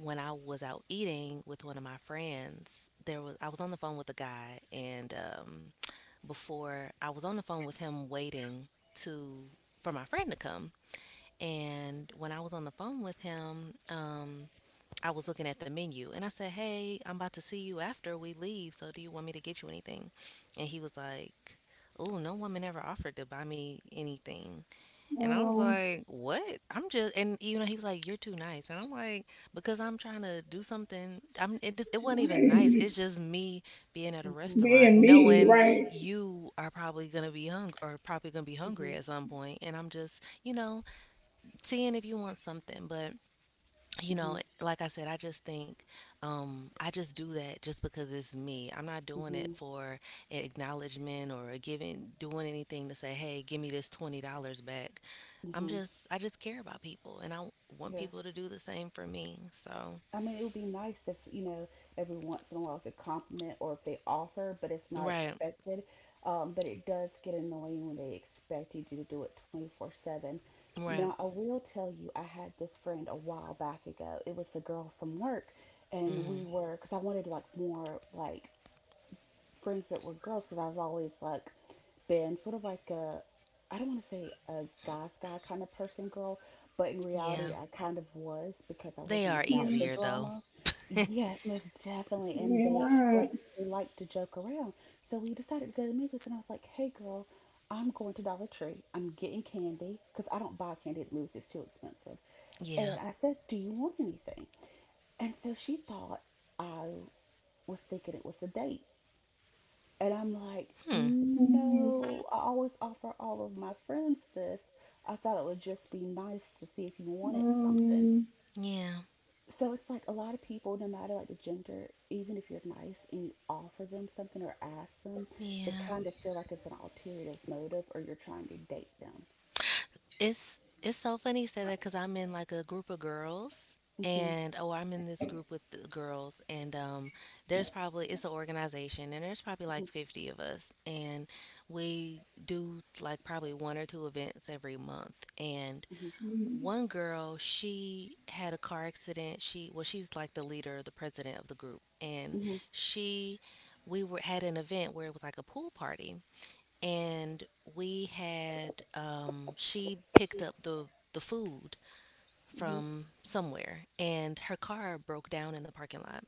[SPEAKER 2] when I was out eating with one of my friends, there was I was on the phone with a guy, and um, before I was on the phone with him waiting to for my friend to come. And when I was on the phone with him, I was looking at the menu and I said, "Hey, I'm about to see you after we leave. So do you want me to get you anything?" And he was like, "Oh, no woman ever offered to buy me anything." And I was
[SPEAKER 1] um,
[SPEAKER 2] like, "What?" I'm just, and you know, he was like, "You're too nice," and I'm like, "Because I'm trying to do something." I'm. It wasn't even nice.
[SPEAKER 1] right.
[SPEAKER 2] It's just me being at a
[SPEAKER 3] Mhm.
[SPEAKER 2] restaurant,
[SPEAKER 1] Being me,
[SPEAKER 2] knowing
[SPEAKER 1] right?
[SPEAKER 2] you are probably gonna be hung or probably gonna be hungry
[SPEAKER 3] Mhm.
[SPEAKER 2] at some point, and I'm just, you know, seeing if you want something. But you know,
[SPEAKER 3] Mhm.
[SPEAKER 2] like I said, I just think I just do that just because it's me. I'm not doing it
[SPEAKER 3] Mhm.
[SPEAKER 2] for an acknowledgement or giving doing anything to say, "Hey, give me this $20 back."
[SPEAKER 3] Mhm.
[SPEAKER 2] I just care about people, and I want
[SPEAKER 3] Yeah.
[SPEAKER 2] people to do the same for me. So
[SPEAKER 3] I mean, it would be nice if, you know, every once in a while, like a compliment or if they offer, but it's not
[SPEAKER 2] right,
[SPEAKER 3] expected. But it does get annoying when they expect you to do it 24/7.
[SPEAKER 2] right,
[SPEAKER 3] Now, I will tell you, I had this friend a while back ago. It was a girl from work, and
[SPEAKER 2] mm-hmm.
[SPEAKER 3] we were, because I wanted like more like friends that were girls, because I've always like been sort of like a, I don't want to say a guys guy kind of person girl, but in
[SPEAKER 2] Yeah,
[SPEAKER 3] reality I kind of was because I
[SPEAKER 2] they are
[SPEAKER 3] wasn't about the
[SPEAKER 2] easier
[SPEAKER 1] Mm,
[SPEAKER 2] though.
[SPEAKER 3] drama. Yes, most definitely. And
[SPEAKER 1] being
[SPEAKER 3] they
[SPEAKER 1] mine.
[SPEAKER 3] they like to joke around. So we decided to go to the movies and I was like, "Hey girl, I'm going to Dollar Tree. I'm getting candy because I don't buy candy at the movies. It's too expensive."
[SPEAKER 2] <laughs> yeah,
[SPEAKER 3] And I said, "Do you want anything?" And so she thought I was thinking it was a date. And I'm like,
[SPEAKER 2] hmm,
[SPEAKER 1] Mm,
[SPEAKER 3] no, I always offer all of my friends this. I thought it would just be nice to see if you wanted something.
[SPEAKER 1] um,
[SPEAKER 2] yeah,
[SPEAKER 3] So it's like a lot of people, no matter like the gender, even if you're nice and you offer them something or ask them, they
[SPEAKER 2] yeah.
[SPEAKER 3] kind of feel like it's an alternative motive or you're trying to date them.
[SPEAKER 2] It's so funny you say that because I'm in like a group of girls,
[SPEAKER 3] hmm
[SPEAKER 2] and oh, I'm in this group with the girls, and there's probably it's an organization and there's probably like
[SPEAKER 3] hmm
[SPEAKER 2] 50 of us, and we do like probably one or two events every month. And
[SPEAKER 3] hmm
[SPEAKER 1] mm,
[SPEAKER 2] one girl, she had a car accident she well, she's like the leader, the president of the group. And
[SPEAKER 3] hmm
[SPEAKER 2] she we were had an event where it was like a pool party, and we had um, she picked up the food from somewhere, and her car broke down in the parking lot.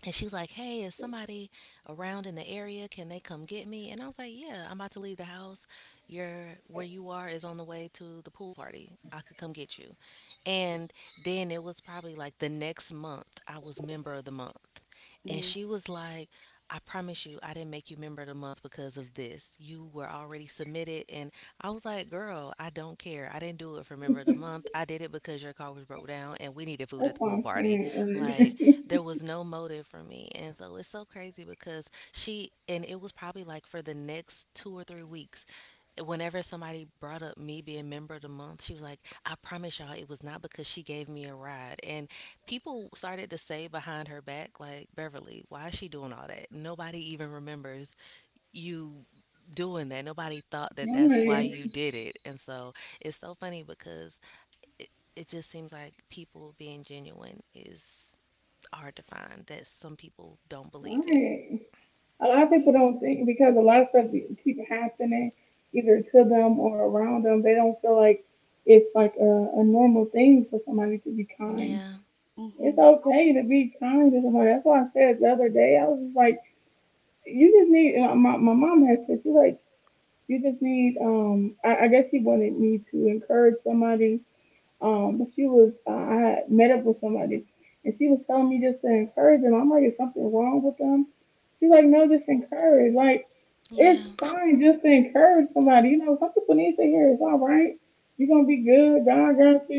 [SPEAKER 2] And she was like, "Hey, is somebody around in the area? Can they come get me?" And I was like, "Yeah, I'm about to leave the house. Your Where you are is on the way to the pool party. I could come get you." And then it was probably like the next month I was member of the month.
[SPEAKER 3] hmm
[SPEAKER 2] And
[SPEAKER 3] hmm
[SPEAKER 2] she was like, "I promise you, I didn't make you member of the month because of this. You were already submitted." And I was like, "Girl, I don't care. I didn't do it for member of the month. I did it because your car was broke down and we needed food at
[SPEAKER 1] that's
[SPEAKER 2] the
[SPEAKER 1] what
[SPEAKER 2] pool
[SPEAKER 1] I'm
[SPEAKER 2] party."
[SPEAKER 1] saying,
[SPEAKER 3] <laughs>
[SPEAKER 1] right?
[SPEAKER 2] Like,
[SPEAKER 1] <laughs>
[SPEAKER 2] there was no motive for me. And so it's so crazy because she and it was probably like for the next 2 or 3 weeks whenever somebody brought up me being member of the month, she was like, "I promise y'all, it was not because she gave me a ride." And people started to say behind her back, like, "Beverly, why is she doing all that? Nobody even remembers you doing that. Nobody thought that that's why you
[SPEAKER 1] Right.
[SPEAKER 2] did it." And so it's so funny because it, it just seems like people being genuine is hard to find, that some people don't believe it.
[SPEAKER 1] Right. A lot
[SPEAKER 3] Oh
[SPEAKER 1] of
[SPEAKER 3] yeah.
[SPEAKER 1] people don't think because a lot of stuff keep happening either to them or around them. They don't feel like it's like a normal thing for somebody to be kind.
[SPEAKER 2] Yeah.
[SPEAKER 3] Mm-hmm.
[SPEAKER 1] It's okay to be kind to somebody. That's why I said the other day I was just like, you just need. And my mom has said she like you just need. I guess she wanted me to encourage somebody. But she was I had met up with somebody and she was telling me just to encourage them. I'm like, is something wrong with them? She's like, no, just encourage. Like, it's
[SPEAKER 2] Yeah.
[SPEAKER 1] fine just to encourage somebody. You know, some people need to hear it's all right. You're gonna be good. God got you.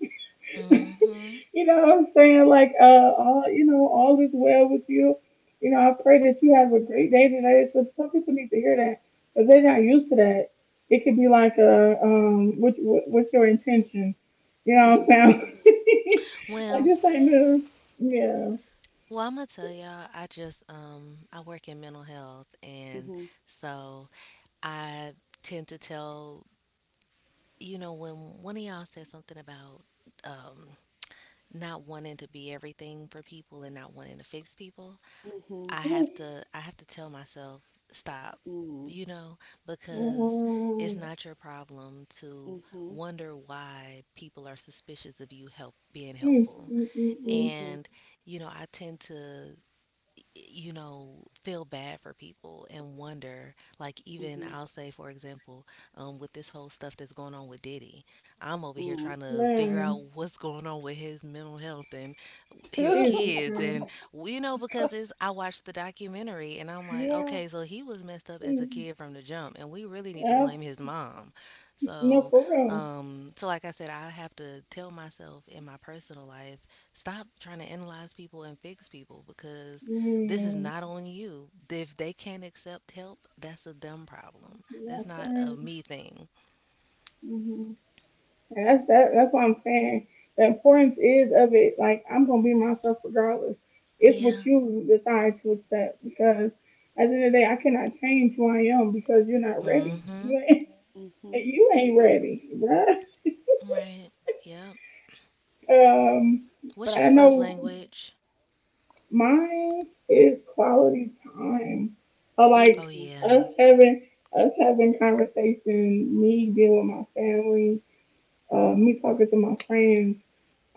[SPEAKER 1] You know, <laughs>
[SPEAKER 2] Mhm.
[SPEAKER 1] you know what I'm saying? Like, all you know, all is well with you. You know, I pray that you have a great day today. So some people need to hear that, but they're not used to that. It could be like, what's your intention? You know
[SPEAKER 3] Mm-hmm.
[SPEAKER 1] what I'm saying? <laughs> I
[SPEAKER 2] Well,
[SPEAKER 1] just ain't new. Yeah.
[SPEAKER 2] well, I'm gonna tell y'all. I just I work in mental health, and
[SPEAKER 3] Mm-hmm.
[SPEAKER 2] so I tend to tell, you know, when one of y'all said something about um not wanting to be everything for people and not wanting to fix people.
[SPEAKER 3] Mm-hmm.
[SPEAKER 2] I have to tell myself stop,
[SPEAKER 3] Mm-hmm.
[SPEAKER 2] you know,
[SPEAKER 3] Yeah.
[SPEAKER 2] because it's
[SPEAKER 1] Mm-hmm.
[SPEAKER 2] not your problem to
[SPEAKER 3] Mm-hmm.
[SPEAKER 2] wonder why people are suspicious of you help being
[SPEAKER 1] Mm,
[SPEAKER 2] helpful.
[SPEAKER 1] mm, mm, mm.
[SPEAKER 3] Mm-hmm.
[SPEAKER 2] And you know, I tend to, you know, feel bad for people and wonder, like, even I'll say, for example, with this whole stuff that's going on with Diddy, I'm over here
[SPEAKER 3] Mm-hmm.
[SPEAKER 2] trying to figure out
[SPEAKER 1] Man,
[SPEAKER 2] what's going on with his mental health and his
[SPEAKER 3] Mm.
[SPEAKER 1] Jesus
[SPEAKER 3] <laughs>
[SPEAKER 2] kids. And,
[SPEAKER 1] Christ.
[SPEAKER 2] you know, because I watched the documentary and I'm like, okay,
[SPEAKER 3] Yeah.
[SPEAKER 2] so he was messed up as a
[SPEAKER 1] Mm.
[SPEAKER 2] kid from the jump, and we really need to blame
[SPEAKER 1] Yep.
[SPEAKER 2] his mom. So,
[SPEAKER 1] No, for real.
[SPEAKER 2] like I said, I have to tell myself in my personal life, stop trying to analyze people and fix people because this is not
[SPEAKER 1] Mm.
[SPEAKER 2] on you. If they can't accept help, that's a them problem. That's
[SPEAKER 1] That's
[SPEAKER 2] not a
[SPEAKER 1] why.
[SPEAKER 2] me thing.
[SPEAKER 1] hmm And that's that. That's what I'm saying. The importance is of it. Like I'm gonna be myself regardless. It's
[SPEAKER 2] Yeah.
[SPEAKER 1] what you decide to accept because at the end of the day, I cannot change who I am because you're not
[SPEAKER 2] Mm
[SPEAKER 1] ready.
[SPEAKER 2] hmm.
[SPEAKER 1] <laughs> You
[SPEAKER 3] Mm-hmm.
[SPEAKER 1] ain't, you ain't ready,
[SPEAKER 2] Right. Yep.
[SPEAKER 1] bruh. Um,
[SPEAKER 3] But
[SPEAKER 2] What's
[SPEAKER 3] I
[SPEAKER 1] I
[SPEAKER 2] your
[SPEAKER 3] think
[SPEAKER 2] love
[SPEAKER 3] it's.
[SPEAKER 1] know.
[SPEAKER 2] language?
[SPEAKER 1] Mine is quality time. Or
[SPEAKER 2] Oh,
[SPEAKER 1] like
[SPEAKER 3] Mm-hmm.
[SPEAKER 2] yeah.
[SPEAKER 1] us having us having conversation, me being with my family, me talking to my friends.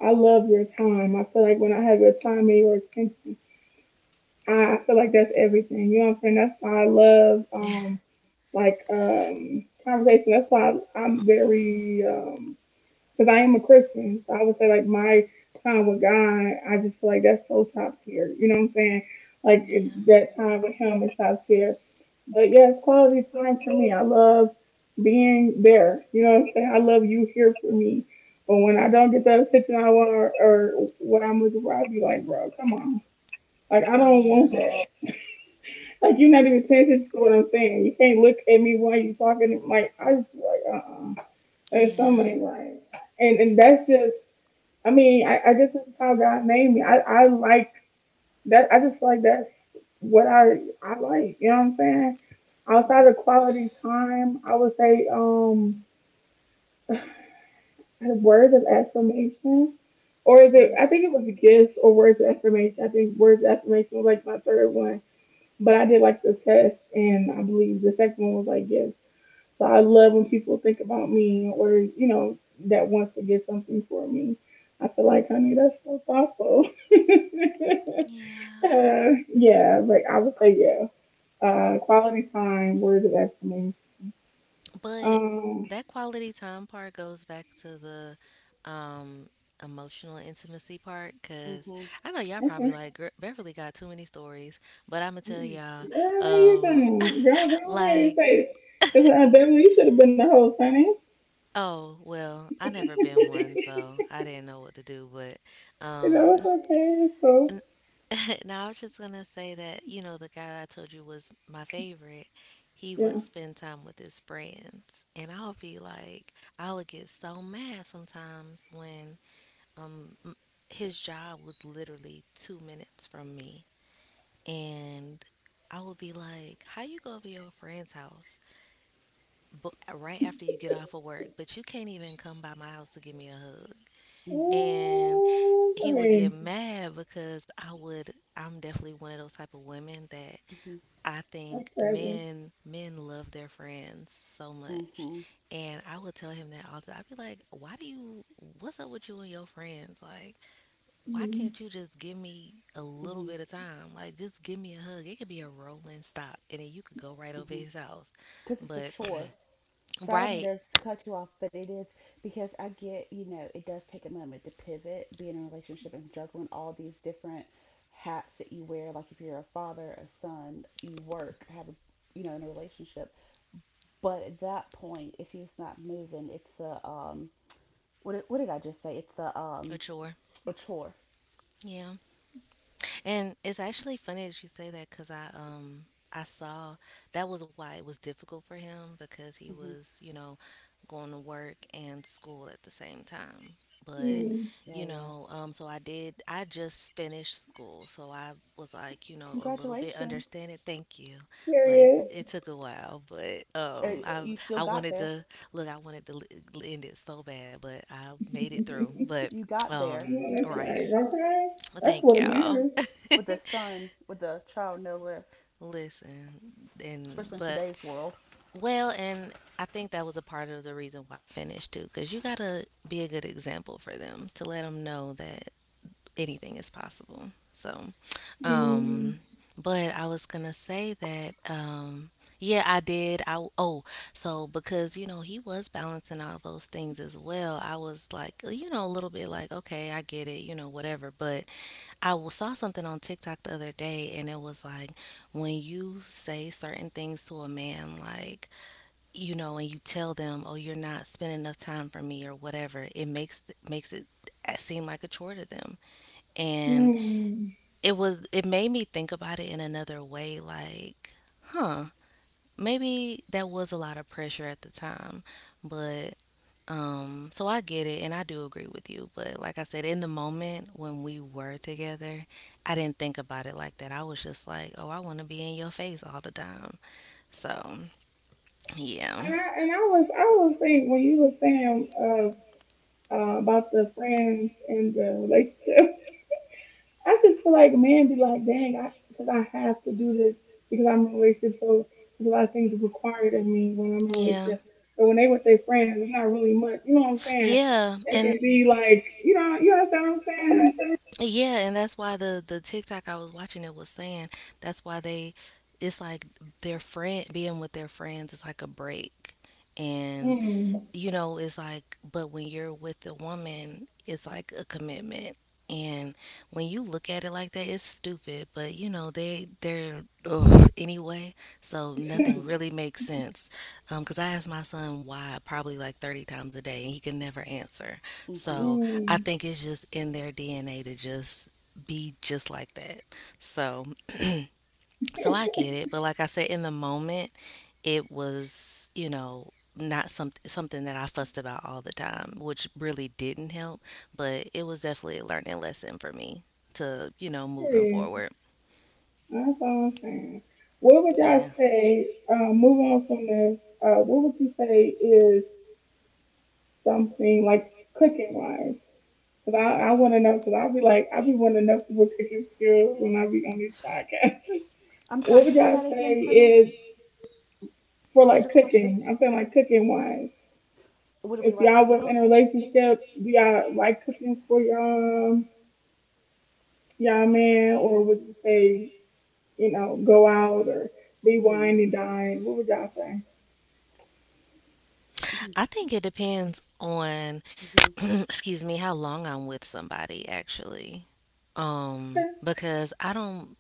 [SPEAKER 1] I love your time. I feel like when I have your time and your attention, I feel like that's everything. You know what I'm saying? That's why I love
[SPEAKER 2] <laughs>
[SPEAKER 1] like conversation. That's why I'm, very because I am a Christian. So I would say like my time with God, I just feel like that's so top tier. You know what I'm saying? Like
[SPEAKER 2] Yeah.
[SPEAKER 1] that time with Him is top tier. But yes, quality time for me. I love being there. You know what I'm saying? I love you here for me. But when I don't get that attention I want or what I'm looking for, I'll be like, bro, come on. Like I don't want
[SPEAKER 2] Yeah.
[SPEAKER 1] that. Like you're not even paying attention to what I'm saying. You can't look at me while you're talking. Like
[SPEAKER 3] Mm-hmm.
[SPEAKER 1] I just be like, there's something
[SPEAKER 2] Yeah.
[SPEAKER 1] ain't right. And that's just I guess it's how God made me. I like that. I just like that's what I like. You know what I'm saying? Outside of quality time, I would say <sighs> words of affirmation, or is it? I
[SPEAKER 3] Mm-hmm.
[SPEAKER 1] think it was gifts or words of affirmation. I think words of affirmation was like my third one, but I did like the test, and I believe the second one was like gifts. So I love when people think about me or, you know, that wants to get something for me. I feel like, honey, that's so thoughtful. <laughs>
[SPEAKER 2] Yeah.
[SPEAKER 1] uh, yeah, but I would say, yeah. Quality time, words of affirmation.
[SPEAKER 2] But
[SPEAKER 1] Um,
[SPEAKER 2] that quality time part goes back to the um emotional intimacy part
[SPEAKER 3] Mm-hmm.
[SPEAKER 2] because
[SPEAKER 3] Mm-hmm.
[SPEAKER 2] I know y'all
[SPEAKER 1] okay.
[SPEAKER 2] probably like, "Gir- Beverly got too many stories, but I'm gonna tell
[SPEAKER 3] Mm-hmm.
[SPEAKER 2] y'all,
[SPEAKER 1] Yeah, how you
[SPEAKER 2] um,
[SPEAKER 1] doing? Go,
[SPEAKER 2] <laughs>
[SPEAKER 1] go ahead and
[SPEAKER 2] like,"
[SPEAKER 1] say it.
[SPEAKER 2] <laughs>
[SPEAKER 1] Because I definitely you should have been the host, honey. <laughs>
[SPEAKER 2] oh well, I never been one, so I didn't know what to do. But
[SPEAKER 1] you know,
[SPEAKER 2] um,
[SPEAKER 1] it's okay. It's cool.
[SPEAKER 2] N- <laughs> now, I was just gonna say that, you know, the guy I told you was my favorite, he
[SPEAKER 1] Yeah.
[SPEAKER 2] would spend time with his friends. And I'll be like, I would get so mad sometimes when um m- his job was literally 2 minutes from me. And I would be like, how you go to your friend's house but right after you get off of work, but you can't even come by my house to give me a hug.
[SPEAKER 3] Mm-hmm. Mm-hmm.
[SPEAKER 2] And
[SPEAKER 1] Oh,
[SPEAKER 2] he would
[SPEAKER 1] hey.
[SPEAKER 2] get mad because I'm definitely one of those type of women that I
[SPEAKER 1] That's
[SPEAKER 2] think
[SPEAKER 1] crazy.
[SPEAKER 2] men love their friends so much.
[SPEAKER 3] Mm-hmm.
[SPEAKER 2] And I would tell him that all the time. I'd be like, why do you what's up with you and your friends? Like, why
[SPEAKER 1] Mm-hmm.
[SPEAKER 2] can't you just give me a little bit of time? Like just give me a hug. It could be a rolling stop and then you could go right over
[SPEAKER 3] Mm-hmm.
[SPEAKER 2] his house.
[SPEAKER 3] Because it's a
[SPEAKER 2] But
[SPEAKER 3] chore. So I don't mean to
[SPEAKER 2] right,
[SPEAKER 3] s- Cut you off, but it is because I get, you know, it does take a moment to pivot, be in a relationship and juggling all these different hats that you wear. Like if you're a father, a son, you work, have a, you know, in a relationship. But at that point, if he's not moving, it's a, what, what did I just say?
[SPEAKER 2] a chore.
[SPEAKER 3] A chore.
[SPEAKER 2] Yeah. And it's actually funny that you say that because I saw that was why it was difficult for him because he
[SPEAKER 3] hmm
[SPEAKER 2] was, you know, going to work and school at the same time.
[SPEAKER 3] mm
[SPEAKER 2] But
[SPEAKER 1] Mm-hmm.
[SPEAKER 3] Oh,
[SPEAKER 2] you
[SPEAKER 3] yeah.
[SPEAKER 2] know, so I did. I just finished school, so I was like, you know, a little bit
[SPEAKER 3] Congratulations.
[SPEAKER 2] understanding. Thank you, but it
[SPEAKER 1] Period.
[SPEAKER 2] took a while. But
[SPEAKER 3] You still
[SPEAKER 2] I
[SPEAKER 3] got
[SPEAKER 2] wanted
[SPEAKER 3] there.
[SPEAKER 2] to look. I wanted to end it so bad, but I made it through.
[SPEAKER 1] Yeah,
[SPEAKER 2] But
[SPEAKER 3] You got there. You
[SPEAKER 1] that's
[SPEAKER 2] right.
[SPEAKER 3] finished
[SPEAKER 1] right. Okay, that's
[SPEAKER 2] Thank
[SPEAKER 1] what it
[SPEAKER 2] y'all.
[SPEAKER 1] matters.
[SPEAKER 3] with a
[SPEAKER 2] <laughs>
[SPEAKER 3] son, with a child, no less,
[SPEAKER 2] Listen,
[SPEAKER 3] especially
[SPEAKER 2] and
[SPEAKER 3] in
[SPEAKER 2] but
[SPEAKER 3] today's world.
[SPEAKER 2] well, and I think that was a part of the reason why I finished too, because you gotta be a good example for them to let them know that anything is possible. So,
[SPEAKER 1] Mm.
[SPEAKER 2] um, but I was gonna say that, yeah, I did. So because you know he was balancing all those things as well, I was like, you know, a little bit like, okay, I get it, you know, whatever. But saw something on TikTok the other day, and it was like when you say certain things to a man, like you know, and you tell them, "Oh, you're not spending enough time for me," or whatever, it makes makes it seem like a chore to them. And
[SPEAKER 1] Mm.
[SPEAKER 2] it made me think about it in another way, like, huh? Maybe that was a lot of pressure at the time, but so I get it and I do agree with you. But like I said, in the moment when we were together, I didn't think about it like that. I was just like, oh, I want to be in your face all the time. So yeah,
[SPEAKER 1] And I was saying when you were saying of about the friends and the relationship, <laughs> I just feel like men be like, dang, I because I have to do this because I'm in a relationship, so there's a lot of things required of me when I'm in a
[SPEAKER 2] yeah,
[SPEAKER 1] relationship. But when they with their friends, it's not really much. You know what I'm saying?
[SPEAKER 2] yeah,
[SPEAKER 1] It
[SPEAKER 2] and
[SPEAKER 1] can be like, you know, you understand what I'm
[SPEAKER 2] yeah, and that's why the TikTok I was watching, it was saying that's why they it's like their friend being with their friends is like a break. And
[SPEAKER 1] saying?
[SPEAKER 2] you know, it's like, but when you're with a woman, it's like a commitment. And when you look at it like that, it's stupid. But you know, they're ugh, anyway, so nothing
[SPEAKER 3] <laughs>
[SPEAKER 2] really makes sense. 'Cause I ask my son why probably like 30 times a day, and he can never answer.
[SPEAKER 3] hmm
[SPEAKER 2] So
[SPEAKER 1] Mm.
[SPEAKER 2] I
[SPEAKER 1] Mm.
[SPEAKER 2] think it's just in their DNA to just be just like that. So I get it, but like I said, in the moment, it was, you know, not something that I fussed about all the time, which really didn't help. But it was definitely a learning lesson for me to, you know, moving
[SPEAKER 1] Yeah.
[SPEAKER 2] forward.
[SPEAKER 1] That's all I'm saying. What would y'all
[SPEAKER 2] Yeah,
[SPEAKER 1] say, moving on from this, what would you say is something like cooking wise? Because I want to know, because I'll be wanting to know people's cooking skills when I be on these podcasts. <laughs>
[SPEAKER 3] I'm
[SPEAKER 1] what
[SPEAKER 3] sorry,
[SPEAKER 1] would
[SPEAKER 3] say
[SPEAKER 1] y'all
[SPEAKER 3] that again
[SPEAKER 1] say
[SPEAKER 3] for me.
[SPEAKER 1] is for
[SPEAKER 3] What was
[SPEAKER 1] like
[SPEAKER 3] your question?
[SPEAKER 1] cooking? I'm saying like cooking wise.
[SPEAKER 3] What do we
[SPEAKER 1] If
[SPEAKER 3] like to
[SPEAKER 1] y'all was
[SPEAKER 3] cook?
[SPEAKER 1] in a relationship, do y'all like cooking for y'all man? Or would you say, you know, go out or be
[SPEAKER 3] Mm-hmm.
[SPEAKER 1] wine and dine? What would y'all say?
[SPEAKER 2] I think it depends on
[SPEAKER 3] Mm-hmm.
[SPEAKER 2] <clears throat> excuse me, how long I'm with somebody actually. Um,
[SPEAKER 1] <laughs>
[SPEAKER 2] because I don't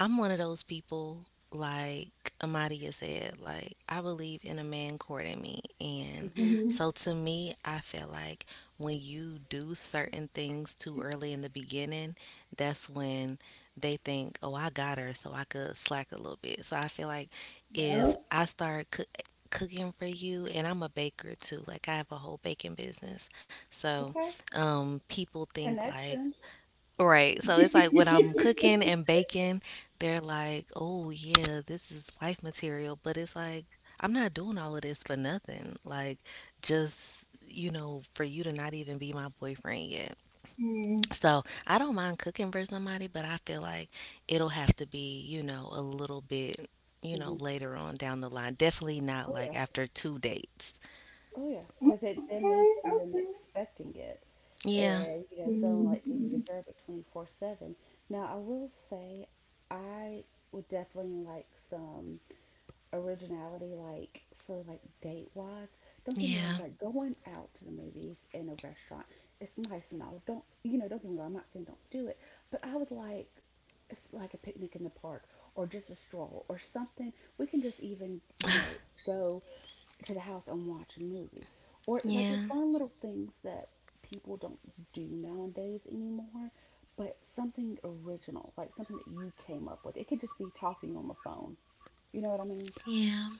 [SPEAKER 2] I'm one of those people, like Amadia said, like I believe in a man courting me. And
[SPEAKER 3] Mm-hmm.
[SPEAKER 1] Mhm.
[SPEAKER 2] so to me, I feel like when you do certain things too early in the beginning, that's when they think, oh, I got her, so I could slack a little bit. So I feel like if
[SPEAKER 1] Yep.
[SPEAKER 2] cooking for you, and I'm a baker too, like I have a whole baking business, so
[SPEAKER 3] Okay.
[SPEAKER 2] people think like
[SPEAKER 3] Connections.
[SPEAKER 2] Right. So it's like when I'm
[SPEAKER 1] <laughs>
[SPEAKER 2] cooking and baking, they're like, "Oh yeah, this is wife material," but it's like I'm not doing all of this for nothing. Like, just, you know, for you to not even be my boyfriend yet.
[SPEAKER 1] Mm,
[SPEAKER 2] So I don't mind cooking for somebody, but I feel like it'll have to be, you know, a little bit, you know,
[SPEAKER 3] Mm-hmm.
[SPEAKER 2] later on down the line. Definitely not like
[SPEAKER 3] Oh,
[SPEAKER 2] after two dates.
[SPEAKER 3] Oh yeah, because it
[SPEAKER 1] okay,
[SPEAKER 3] then leads to
[SPEAKER 1] okay.
[SPEAKER 3] them expecting it
[SPEAKER 2] Yeah.
[SPEAKER 3] and you know feeling like they
[SPEAKER 1] Mm-hmm.
[SPEAKER 3] deserve it 24/7. Now, I will say I would definitely like some originality like for like date wise. Don't get me wrong,
[SPEAKER 2] Yeah.
[SPEAKER 3] like going out to the movies in a restaurant, it's nice and all. Don't you know, don't get me wrong, I'm not saying don't do it, but I would like it's like a picnic in the park or just a stroll or something. We can just even, you know, go to the house and watch a movie. Or like the
[SPEAKER 2] Yeah.
[SPEAKER 3] fun little things that people don't do nowadays anymore, but something original, like something that you came up with. It could just be talking on the phone. You know what I mean?
[SPEAKER 2] Yeah.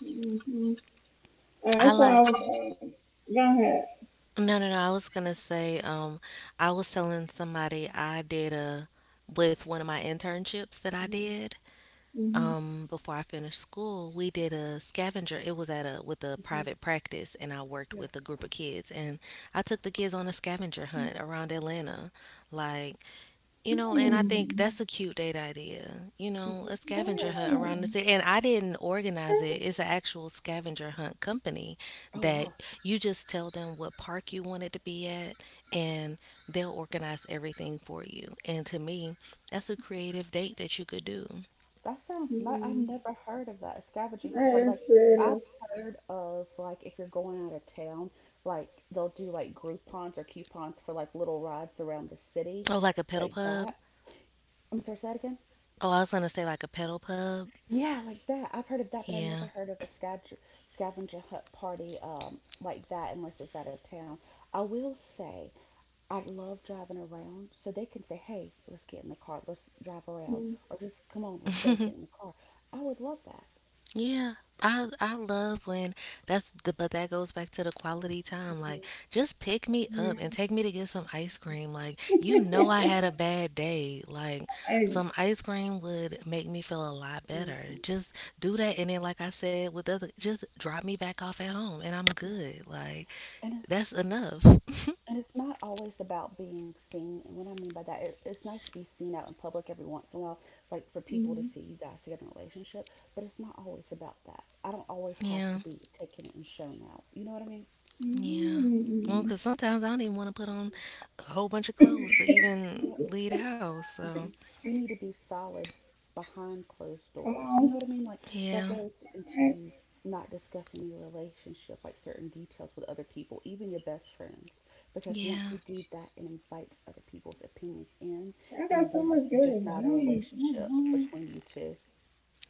[SPEAKER 1] Mm-hmm.
[SPEAKER 2] I
[SPEAKER 1] That's why I
[SPEAKER 2] like
[SPEAKER 1] was. Go ahead.
[SPEAKER 2] No, no, no. I was gonna say, I was telling somebody I did a with one of my internships that I did,
[SPEAKER 1] Mm-hmm.
[SPEAKER 2] before I finished school. We did a scavenger. It was at a with a
[SPEAKER 3] hmm
[SPEAKER 2] private practice, and I worked
[SPEAKER 3] Yeah.
[SPEAKER 2] with a group of kids, and I took the kids on a scavenger hunt around Atlanta. Like, you know, and I think
[SPEAKER 1] Hmm.
[SPEAKER 2] that's a cute date idea. You know, a
[SPEAKER 3] hmm Oh,
[SPEAKER 2] scavenger
[SPEAKER 3] yeah.
[SPEAKER 2] hunt around the
[SPEAKER 1] Damn.
[SPEAKER 2] city. And I didn't organize it. It's an actual scavenger hunt company
[SPEAKER 3] Oh
[SPEAKER 2] that
[SPEAKER 3] wow,
[SPEAKER 2] you just tell them what park you want it to be at, and they'll organize everything for you. And to me, that's a creative date that you could do.
[SPEAKER 3] that sounds nice. I've
[SPEAKER 1] Hmm.
[SPEAKER 3] never heard of that, a scavenging hunt party.
[SPEAKER 1] That is
[SPEAKER 3] Like I've
[SPEAKER 1] creative.
[SPEAKER 3] heard of like if you're going out of town, like they'll do like Groupons or coupons for like little rides around the city,
[SPEAKER 2] Oh, like a pedal
[SPEAKER 3] like
[SPEAKER 2] pub?
[SPEAKER 3] that. I'm sorry, say that again.
[SPEAKER 2] Oh, I was going to say like a pedal pub.
[SPEAKER 3] Yeah, like that. I've heard of that, but I've
[SPEAKER 2] Yeah.
[SPEAKER 3] never heard of a scavenger hunt party like that unless it's out of town. I will say I love driving around, so they can say, "Hey, let's get in the car, let's drive around,"
[SPEAKER 1] Mm,
[SPEAKER 3] or just, "Come on, let's go get in
[SPEAKER 2] <laughs>
[SPEAKER 3] the car." I would love that.
[SPEAKER 2] Yeah, I love when that's the but that goes back to the quality time. Like,
[SPEAKER 3] hmm
[SPEAKER 2] just pick me up and
[SPEAKER 1] yeah.
[SPEAKER 2] take me to get some ice cream. Like, you know, I had a bad day. Like,
[SPEAKER 1] <laughs> I.
[SPEAKER 3] Yeah.
[SPEAKER 2] some ice cream would make me feel a lot better.
[SPEAKER 3] hmm
[SPEAKER 2] Just do that and then like I said with the other, just drop me back off at home and I'm
[SPEAKER 3] Yeah.
[SPEAKER 2] good. Like,
[SPEAKER 3] And it's
[SPEAKER 2] that's enough. <laughs>
[SPEAKER 3] And it's not always about being seen. And what I mean by that, it's nice to be seen out in public every once in a while, like for people to
[SPEAKER 1] Mm,
[SPEAKER 3] see you guys together in a relationship, but it's not always about that. I don't always have to
[SPEAKER 2] Yeah,
[SPEAKER 3] be taken and shown out. You know what I mean?
[SPEAKER 2] yeah. Well,
[SPEAKER 1] mm.
[SPEAKER 2] 'cause sometimes I don't even want to put on a whole bunch of clothes to even
[SPEAKER 3] Yeah.
[SPEAKER 2] leave the house. So,
[SPEAKER 3] Mhm. We need to be solid behind closed
[SPEAKER 1] Come
[SPEAKER 3] doors. You know
[SPEAKER 1] on.
[SPEAKER 3] what I mean? Like that
[SPEAKER 2] yeah,
[SPEAKER 3] goes
[SPEAKER 1] I,
[SPEAKER 3] into not discussing your relationship, like certain details with other people, even your best friends, because once
[SPEAKER 2] yeah.
[SPEAKER 3] you do that, it invites other people's opinions in,
[SPEAKER 1] I
[SPEAKER 3] and
[SPEAKER 1] got
[SPEAKER 3] then
[SPEAKER 1] so
[SPEAKER 3] it's
[SPEAKER 1] much good
[SPEAKER 3] just not a
[SPEAKER 1] advice. Oh,
[SPEAKER 3] relationship
[SPEAKER 1] wow.
[SPEAKER 3] between you two.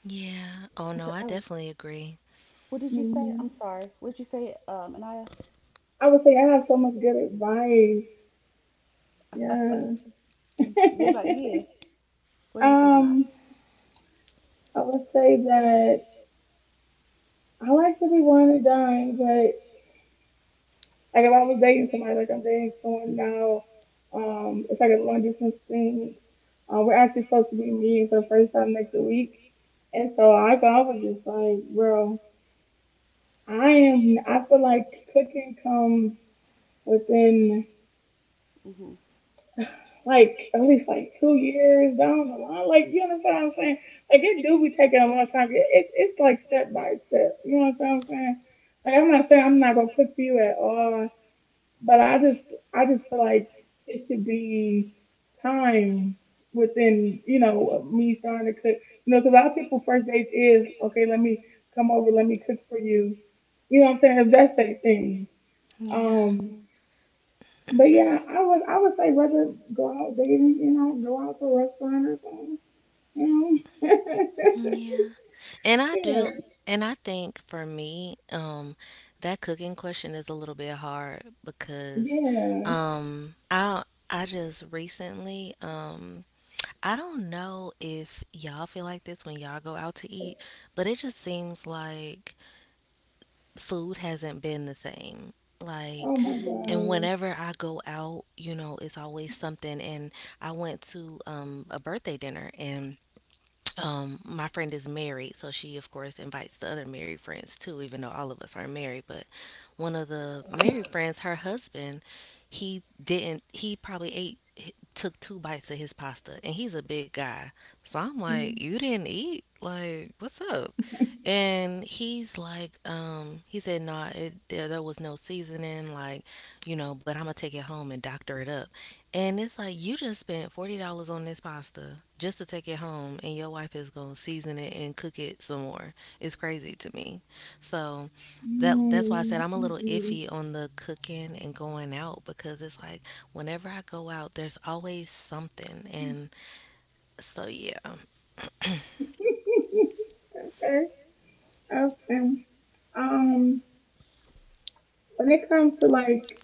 [SPEAKER 2] Yeah. Oh
[SPEAKER 3] I'm
[SPEAKER 2] no,
[SPEAKER 3] sorry.
[SPEAKER 2] I
[SPEAKER 3] Oh,
[SPEAKER 2] definitely agree.
[SPEAKER 3] what did you say?
[SPEAKER 1] Hmm.
[SPEAKER 3] I'm sorry. What did you say, Anaya?
[SPEAKER 1] I would say I have so much good advice. Yeah.
[SPEAKER 3] Thank you. What about you?
[SPEAKER 1] <laughs>
[SPEAKER 3] What are you thinking of?
[SPEAKER 1] Um, I would say that I like to be one and done, but like if I was dating somebody like I'm dating someone now, it's like a long distance thing. We're actually supposed to be meeting for the first time next week, and so I go, I was just like, bro, I am. I feel like cooking comes within.
[SPEAKER 3] Mm-hmm.
[SPEAKER 1] Like at least like 2 years down the line. Like you understand what I'm saying? Like it do be taking a long time. It's like step by step. You know what I'm saying? Like I'm not saying I'm not gonna cook for you at all, but I just feel like it should be time within you know me starting to cook. You know, because a lot of people first dates is okay. Let me come over. Let me cook for you. You know what I'm saying? If that's their thing.
[SPEAKER 2] Yeah.
[SPEAKER 1] Um, but yeah, I would say rather go out dating, you know, go out to a restaurant or something. You know?
[SPEAKER 2] Yeah. And
[SPEAKER 1] <laughs>
[SPEAKER 2] I
[SPEAKER 1] yeah.
[SPEAKER 2] do and I think for me, that cooking question is a little bit hard because
[SPEAKER 1] Yeah.
[SPEAKER 2] um I I just recently I don't know if y'all feel like this when y'all go out to eat, but it just seems like food hasn't been the same.
[SPEAKER 1] Oh
[SPEAKER 2] Like,
[SPEAKER 1] my
[SPEAKER 3] Mm-hmm.
[SPEAKER 2] and
[SPEAKER 1] god.
[SPEAKER 2] whenever I go out, you know, it's always something. And I went to a birthday dinner, and my friend is married, so she of course invites the other married friends too, even though all of us are married. But one of the married friends, her husband, he didn't he probably ate he took two bites of his pasta, and he's a big guy. So I'm like,
[SPEAKER 1] Mm,
[SPEAKER 2] you didn't eat, like, what's up? And he's like, he said, "No, nah, there was no seasoning, like, you know, but I'm gonna take it home and doctor it up." And it's like, you just spent $40 on this pasta just to take it home, and your wife is gonna season it and cook it some more. It's crazy to me. So that that's why I said
[SPEAKER 1] mm,
[SPEAKER 2] I'm a little
[SPEAKER 1] mm.
[SPEAKER 2] iffy on the cooking and going out because it's like whenever I go out, there's always something. And so yeah,
[SPEAKER 1] <laughs> okay. Okay. Um when it comes to like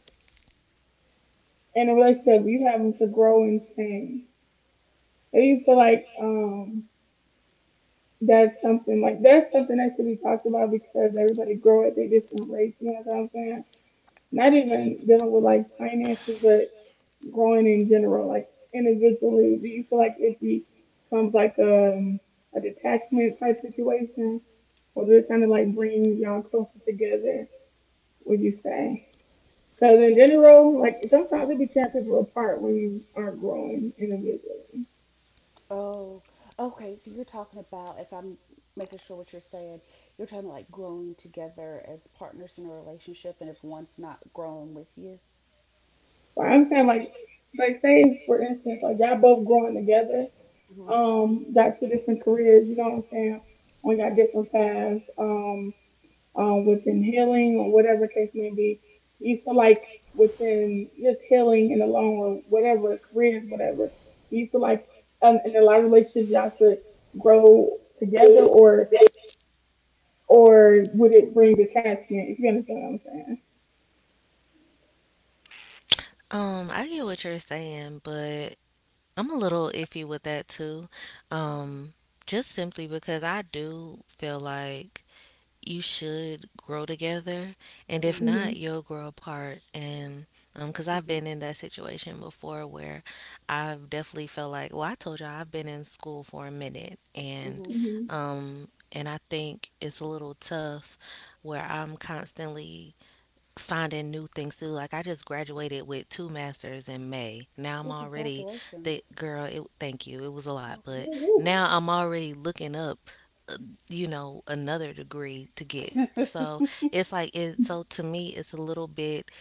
[SPEAKER 1] in a relationship you having to grow and change. Do you feel like that's something that should be talked about because everybody grow at their different rates, you know what I'm saying? Not even dealing with like finances, but growing in general, like individually. Do you feel like it becomes like a detachment type situation, or does it kind of like bring y'all closer together? Would you say? Because in general, like sometimes it be tearing people apart when you aren't growing individually.
[SPEAKER 3] Oh, okay. So you're talking about, if I'm making sure what you're saying, you're talking like growing together as partners in a relationship, and if one's not growing with you.
[SPEAKER 1] But I'm saying like say for instance, like y'all both growing together,
[SPEAKER 3] hmm
[SPEAKER 1] got two different careers. You know what I'm saying? We got different paths. Within healing or whatever case may be. You feel like within just healing in the long run, whatever careers, whatever, you feel like in a lot of relationships y'all should grow together, or would it bring detachment? If you understand what I'm saying.
[SPEAKER 2] I get what you're saying, but I'm a little iffy with that too. Um, just simply because I do feel like you should grow together, and if
[SPEAKER 3] hmm
[SPEAKER 2] not,
[SPEAKER 1] Mhm.
[SPEAKER 2] you'll grow apart. And Because I've
[SPEAKER 3] hmm
[SPEAKER 2] been in that situation before where I've definitely felt like, well, I told you, I've been in school for a minute, and
[SPEAKER 3] hmm
[SPEAKER 1] Mhm.
[SPEAKER 2] um and I think it's a little tough where I'm constantly finding new things too. Like, I just graduated with two masters in May. Now I'm
[SPEAKER 3] Oh,
[SPEAKER 2] already the
[SPEAKER 3] congratulations.
[SPEAKER 2] girl. It, thank you. It was a
[SPEAKER 3] You're
[SPEAKER 2] lot,
[SPEAKER 3] welcome.
[SPEAKER 2] but
[SPEAKER 1] Woo-woo.
[SPEAKER 2] now I'm already looking up, uh, another degree to get. So
[SPEAKER 3] <laughs>
[SPEAKER 2] it's like it. So to me, it's a little bit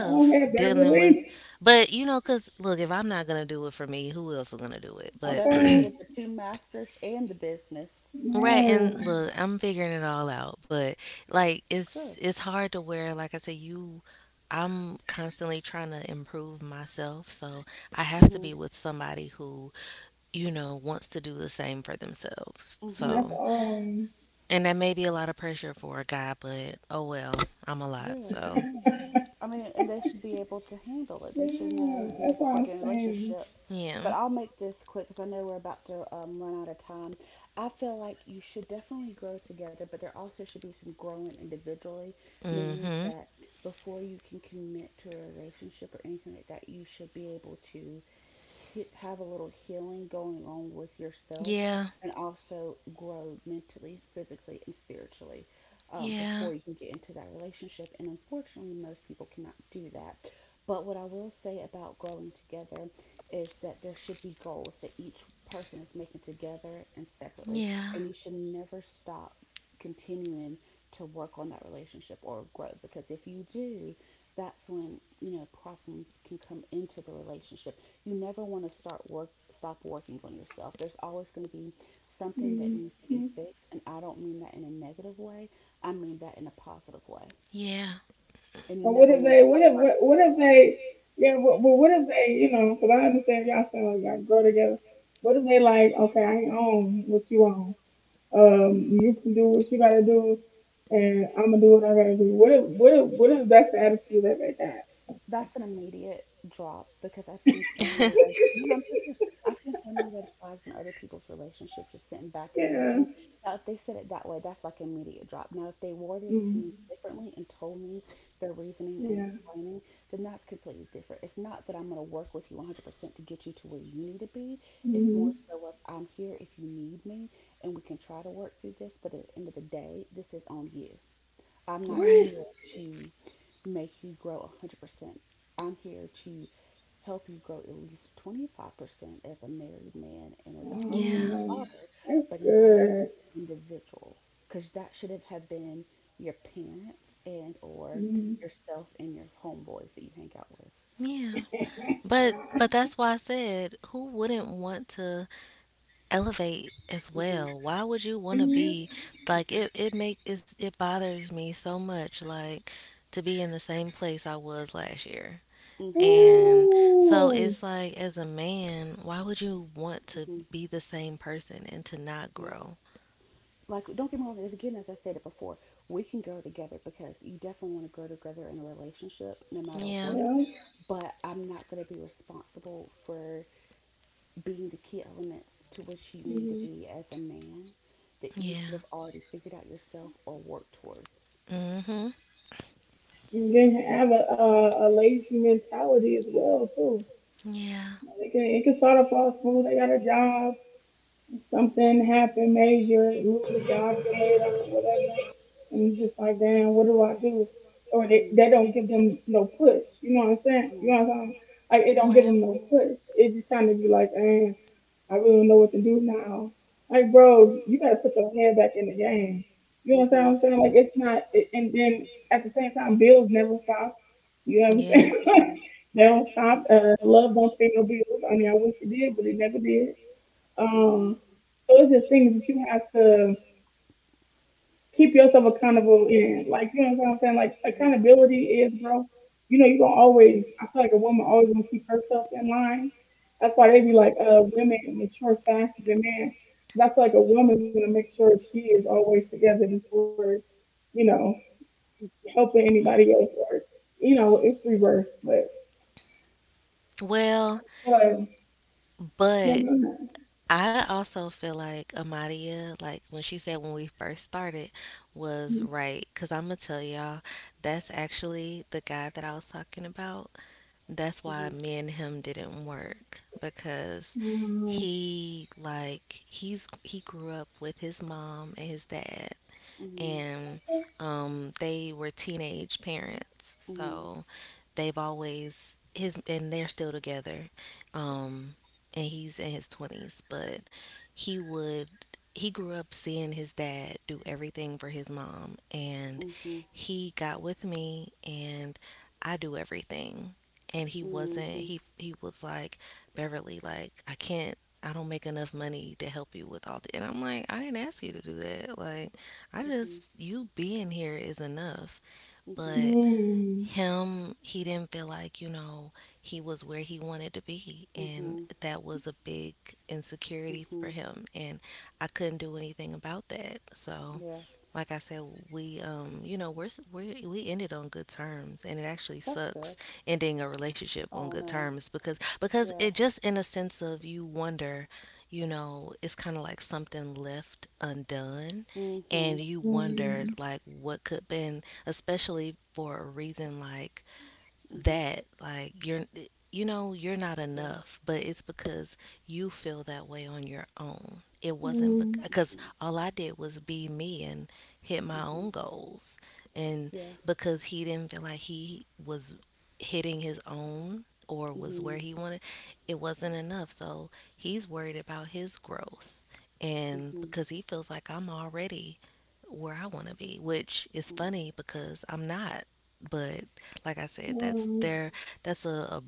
[SPEAKER 1] I don't have
[SPEAKER 2] dealing with.
[SPEAKER 1] Beverly.
[SPEAKER 2] But cause look, if I'm not gonna do it for me, who else is gonna do it? But
[SPEAKER 3] Beverly
[SPEAKER 1] Okay.
[SPEAKER 2] <clears throat>
[SPEAKER 3] with the two masters and the business.
[SPEAKER 2] right,
[SPEAKER 1] Yeah.
[SPEAKER 2] and look, I'm figuring it all out, but like
[SPEAKER 3] That's good.
[SPEAKER 2] it's hard to where, like I said, you I'm constantly trying to improve myself, so I have to
[SPEAKER 3] hmm
[SPEAKER 2] be with somebody who wants to do the same for themselves.
[SPEAKER 1] And
[SPEAKER 3] hmm
[SPEAKER 1] that's
[SPEAKER 2] So,
[SPEAKER 1] um.
[SPEAKER 2] and that may be a lot of pressure for a guy, but oh well, I'm a lot,
[SPEAKER 3] Yeah.
[SPEAKER 2] so
[SPEAKER 3] I mean, and they should be able to handle it. They should
[SPEAKER 1] Yeah.
[SPEAKER 3] know, you know,
[SPEAKER 1] That's what
[SPEAKER 3] before
[SPEAKER 1] I'm
[SPEAKER 3] getting a
[SPEAKER 1] saying.
[SPEAKER 3] relationship.
[SPEAKER 2] yeah.
[SPEAKER 3] But I'll make this quick because I know we're about to run out of time. I feel like you should definitely grow together, but there also should be some growing individually, meaning
[SPEAKER 2] Mhm.
[SPEAKER 3] that before you can commit to a relationship or anything like that, you should be able to have a little healing going on with yourself
[SPEAKER 2] Yeah.
[SPEAKER 3] and also grow mentally, physically, and spiritually
[SPEAKER 2] Yeah.
[SPEAKER 3] before you can get into that relationship. And unfortunately, most people cannot do that. But what I will say about growing together is that there should be goals that each person is making together and separately.
[SPEAKER 2] Yeah.
[SPEAKER 3] And you should never stop continuing to work on that relationship or growth. Because if you do, that's when, you know, problems can come into the relationship. You never want to start work stop working on yourself. There's always going to be something that needs to be
[SPEAKER 1] Mhm.
[SPEAKER 3] fixed, and I don't mean that in a negative way. I mean that in a positive way.
[SPEAKER 2] Yeah.
[SPEAKER 3] And you
[SPEAKER 1] But what
[SPEAKER 3] never
[SPEAKER 1] if
[SPEAKER 3] want to
[SPEAKER 1] they,
[SPEAKER 3] stop.
[SPEAKER 1] what if they, yeah, but what if they, you know, because I understand y'all saying like y'all grow together. What if they like, okay, I ain't own what you own. You can do what you gotta do, and I'm gonna do what I gotta do. What if that's the attitude that they got?
[SPEAKER 3] That's an immediate drop because I've seen so many red.
[SPEAKER 2] <laughs>
[SPEAKER 3] No, no,
[SPEAKER 1] <laughs>
[SPEAKER 3] I'm so serious. I've seen so many red flags in other people's relationships just sitting back and
[SPEAKER 1] Yeah.
[SPEAKER 3] looking. Now, if they said it that way, that's like an immediate drop. Now, if they worded it to
[SPEAKER 1] Mm.
[SPEAKER 3] me differently and told me their reasoning and
[SPEAKER 1] Yeah.
[SPEAKER 3] explaining, then that's completely different. It's not that I'm going to work with you 100% to get you to where you need to be. It's
[SPEAKER 1] Mm-hmm.
[SPEAKER 3] more so of I'm here if you need me and we can try to work through this, but at the end of the day, this is on you. I'm not
[SPEAKER 1] Ooh.
[SPEAKER 2] Right.
[SPEAKER 3] here to make you grow 100%. I'm here to help you grow at least 25% as a married man and as a husband and
[SPEAKER 2] Yeah.
[SPEAKER 1] Oh,
[SPEAKER 3] a father,
[SPEAKER 1] that's
[SPEAKER 3] but not
[SPEAKER 1] good.
[SPEAKER 3] as an individual. Because that should have been your parents and or
[SPEAKER 1] Mm.
[SPEAKER 3] yourself and your homeboys that you hang out with.
[SPEAKER 2] Yeah. But that's why I said, who wouldn't want to elevate as
[SPEAKER 3] hmm
[SPEAKER 2] well? Why would you want to be, like, it bothers me so much, like to be in the same place I was last year.
[SPEAKER 3] hmm
[SPEAKER 1] <laughs>
[SPEAKER 3] hmm
[SPEAKER 2] And so
[SPEAKER 1] Ooh.
[SPEAKER 2] it's like, as a man, why would you want to
[SPEAKER 3] hmm
[SPEAKER 2] be the same person and to not
[SPEAKER 3] Yep.
[SPEAKER 2] grow?
[SPEAKER 3] Like don't get me wrong, as again as I said it before, we can grow together because you definitely want to grow together in a relationship no matter
[SPEAKER 2] Yeah.
[SPEAKER 3] what,
[SPEAKER 1] Yeah.
[SPEAKER 3] but I'm not going to be responsible for being the key elements to which you need to
[SPEAKER 1] Mhm.
[SPEAKER 3] be as a man that you
[SPEAKER 2] Yeah.
[SPEAKER 3] should have already figured out yourself or worked towards.
[SPEAKER 2] Mm. Mhm.
[SPEAKER 1] And then have a, lazy mentality as well too.
[SPEAKER 2] Yeah.
[SPEAKER 1] They can, it can start off all smooth. They got a job, something happened major, lose the job, get laid off, or whatever, and you just like, damn, what do I do? Or
[SPEAKER 3] Mm-hmm,
[SPEAKER 1] they don't give them no push. You know what I'm saying? You
[SPEAKER 3] hmm
[SPEAKER 1] know what I'm saying? Like it don't give
[SPEAKER 2] Right.
[SPEAKER 1] them no push. It just kind of be like, eh, I really don't know what to do now. Like, bro, you gotta put your head back in the game. You know what
[SPEAKER 3] hmm
[SPEAKER 1] I'm saying? Like, it's not. It, and then at the same time, bills never stop. You know what I'm
[SPEAKER 2] Yeah.
[SPEAKER 1] saying? <laughs> they don't stop. Love don't pay no bills. I mean, I wish it did, but it never did.
[SPEAKER 3] hmm
[SPEAKER 1] Um, so it's just things that you have to keep yourself accountable and like you know what I'm saying. Like
[SPEAKER 3] hmm
[SPEAKER 1] accountability is, bro. You know you gonna always. I feel like a woman always gonna keep herself in line. That's why they be like, women mature faster than men. That's like a woman's gonna make sure she is always together before, you know, helping anybody else or, you know, it's reverse. But
[SPEAKER 2] Well,
[SPEAKER 1] uh, yeah,
[SPEAKER 2] but
[SPEAKER 1] mm,
[SPEAKER 2] I also feel like Amadia, like when she said when we first started, was right. Cause I'm gonna tell y'all, that's actually the guy that I was talking about. That's
[SPEAKER 3] hmm hmm
[SPEAKER 2] why me and him didn't work, because
[SPEAKER 1] mm,
[SPEAKER 2] he like he's he grew up with his mom and his dad,
[SPEAKER 3] hmm
[SPEAKER 2] and they were teenage parents,
[SPEAKER 3] hmm
[SPEAKER 2] so they've always his and they're still together. Um, and he's in his twenties, but he would he grew up seeing his dad do everything for his mom, and he got with me, and I do everything. And he wasn't,
[SPEAKER 3] hmm
[SPEAKER 2] he was like, Beverly, like, I can't. I don't make enough money to help you with all the. And I'm like, I didn't ask you to do that. Like, I just, you being here is enough.
[SPEAKER 3] hmm
[SPEAKER 1] mm,
[SPEAKER 2] But
[SPEAKER 1] mm,
[SPEAKER 2] him, he didn't feel like, you know, he was where he wanted to be. And
[SPEAKER 3] hmm
[SPEAKER 2] that was a big insecurity for
[SPEAKER 3] hmm
[SPEAKER 2] him. And I couldn't do anything about that. So,
[SPEAKER 3] Yeah,
[SPEAKER 2] like I said, we you know, we're, s- we're we ended on good terms, and it actually
[SPEAKER 3] that's
[SPEAKER 2] sucks
[SPEAKER 3] good.
[SPEAKER 2] ending a relationship on
[SPEAKER 3] Oh
[SPEAKER 2] good
[SPEAKER 3] no.
[SPEAKER 2] terms, because it
[SPEAKER 3] Yeah.
[SPEAKER 2] just, in a sense of, you wonder, you know, it's kind of like something left undone, and
[SPEAKER 3] Mm-hmm.
[SPEAKER 2] you wonder
[SPEAKER 1] mm,
[SPEAKER 2] like what could been, especially for a reason like
[SPEAKER 3] Mm-hmm.
[SPEAKER 2] that, like you're, you know, you're not
[SPEAKER 3] Yeah.
[SPEAKER 2] enough. But it's because you feel that way on your own. It wasn't because
[SPEAKER 3] Mm-hmm.
[SPEAKER 2] all I did was be me and hit my own
[SPEAKER 3] Mm-hmm.
[SPEAKER 2] goals, and
[SPEAKER 3] Yeah.
[SPEAKER 2] because he didn't feel like he was hitting his own or was where
[SPEAKER 3] Mm-hmm.
[SPEAKER 2] he wanted, it wasn't enough. So he's worried about his growth, and
[SPEAKER 3] Mm-hmm.
[SPEAKER 2] because he feels like I'm already where I want to be, which is funny because I'm not. But, like I said, that's
[SPEAKER 1] mm,
[SPEAKER 2] their that's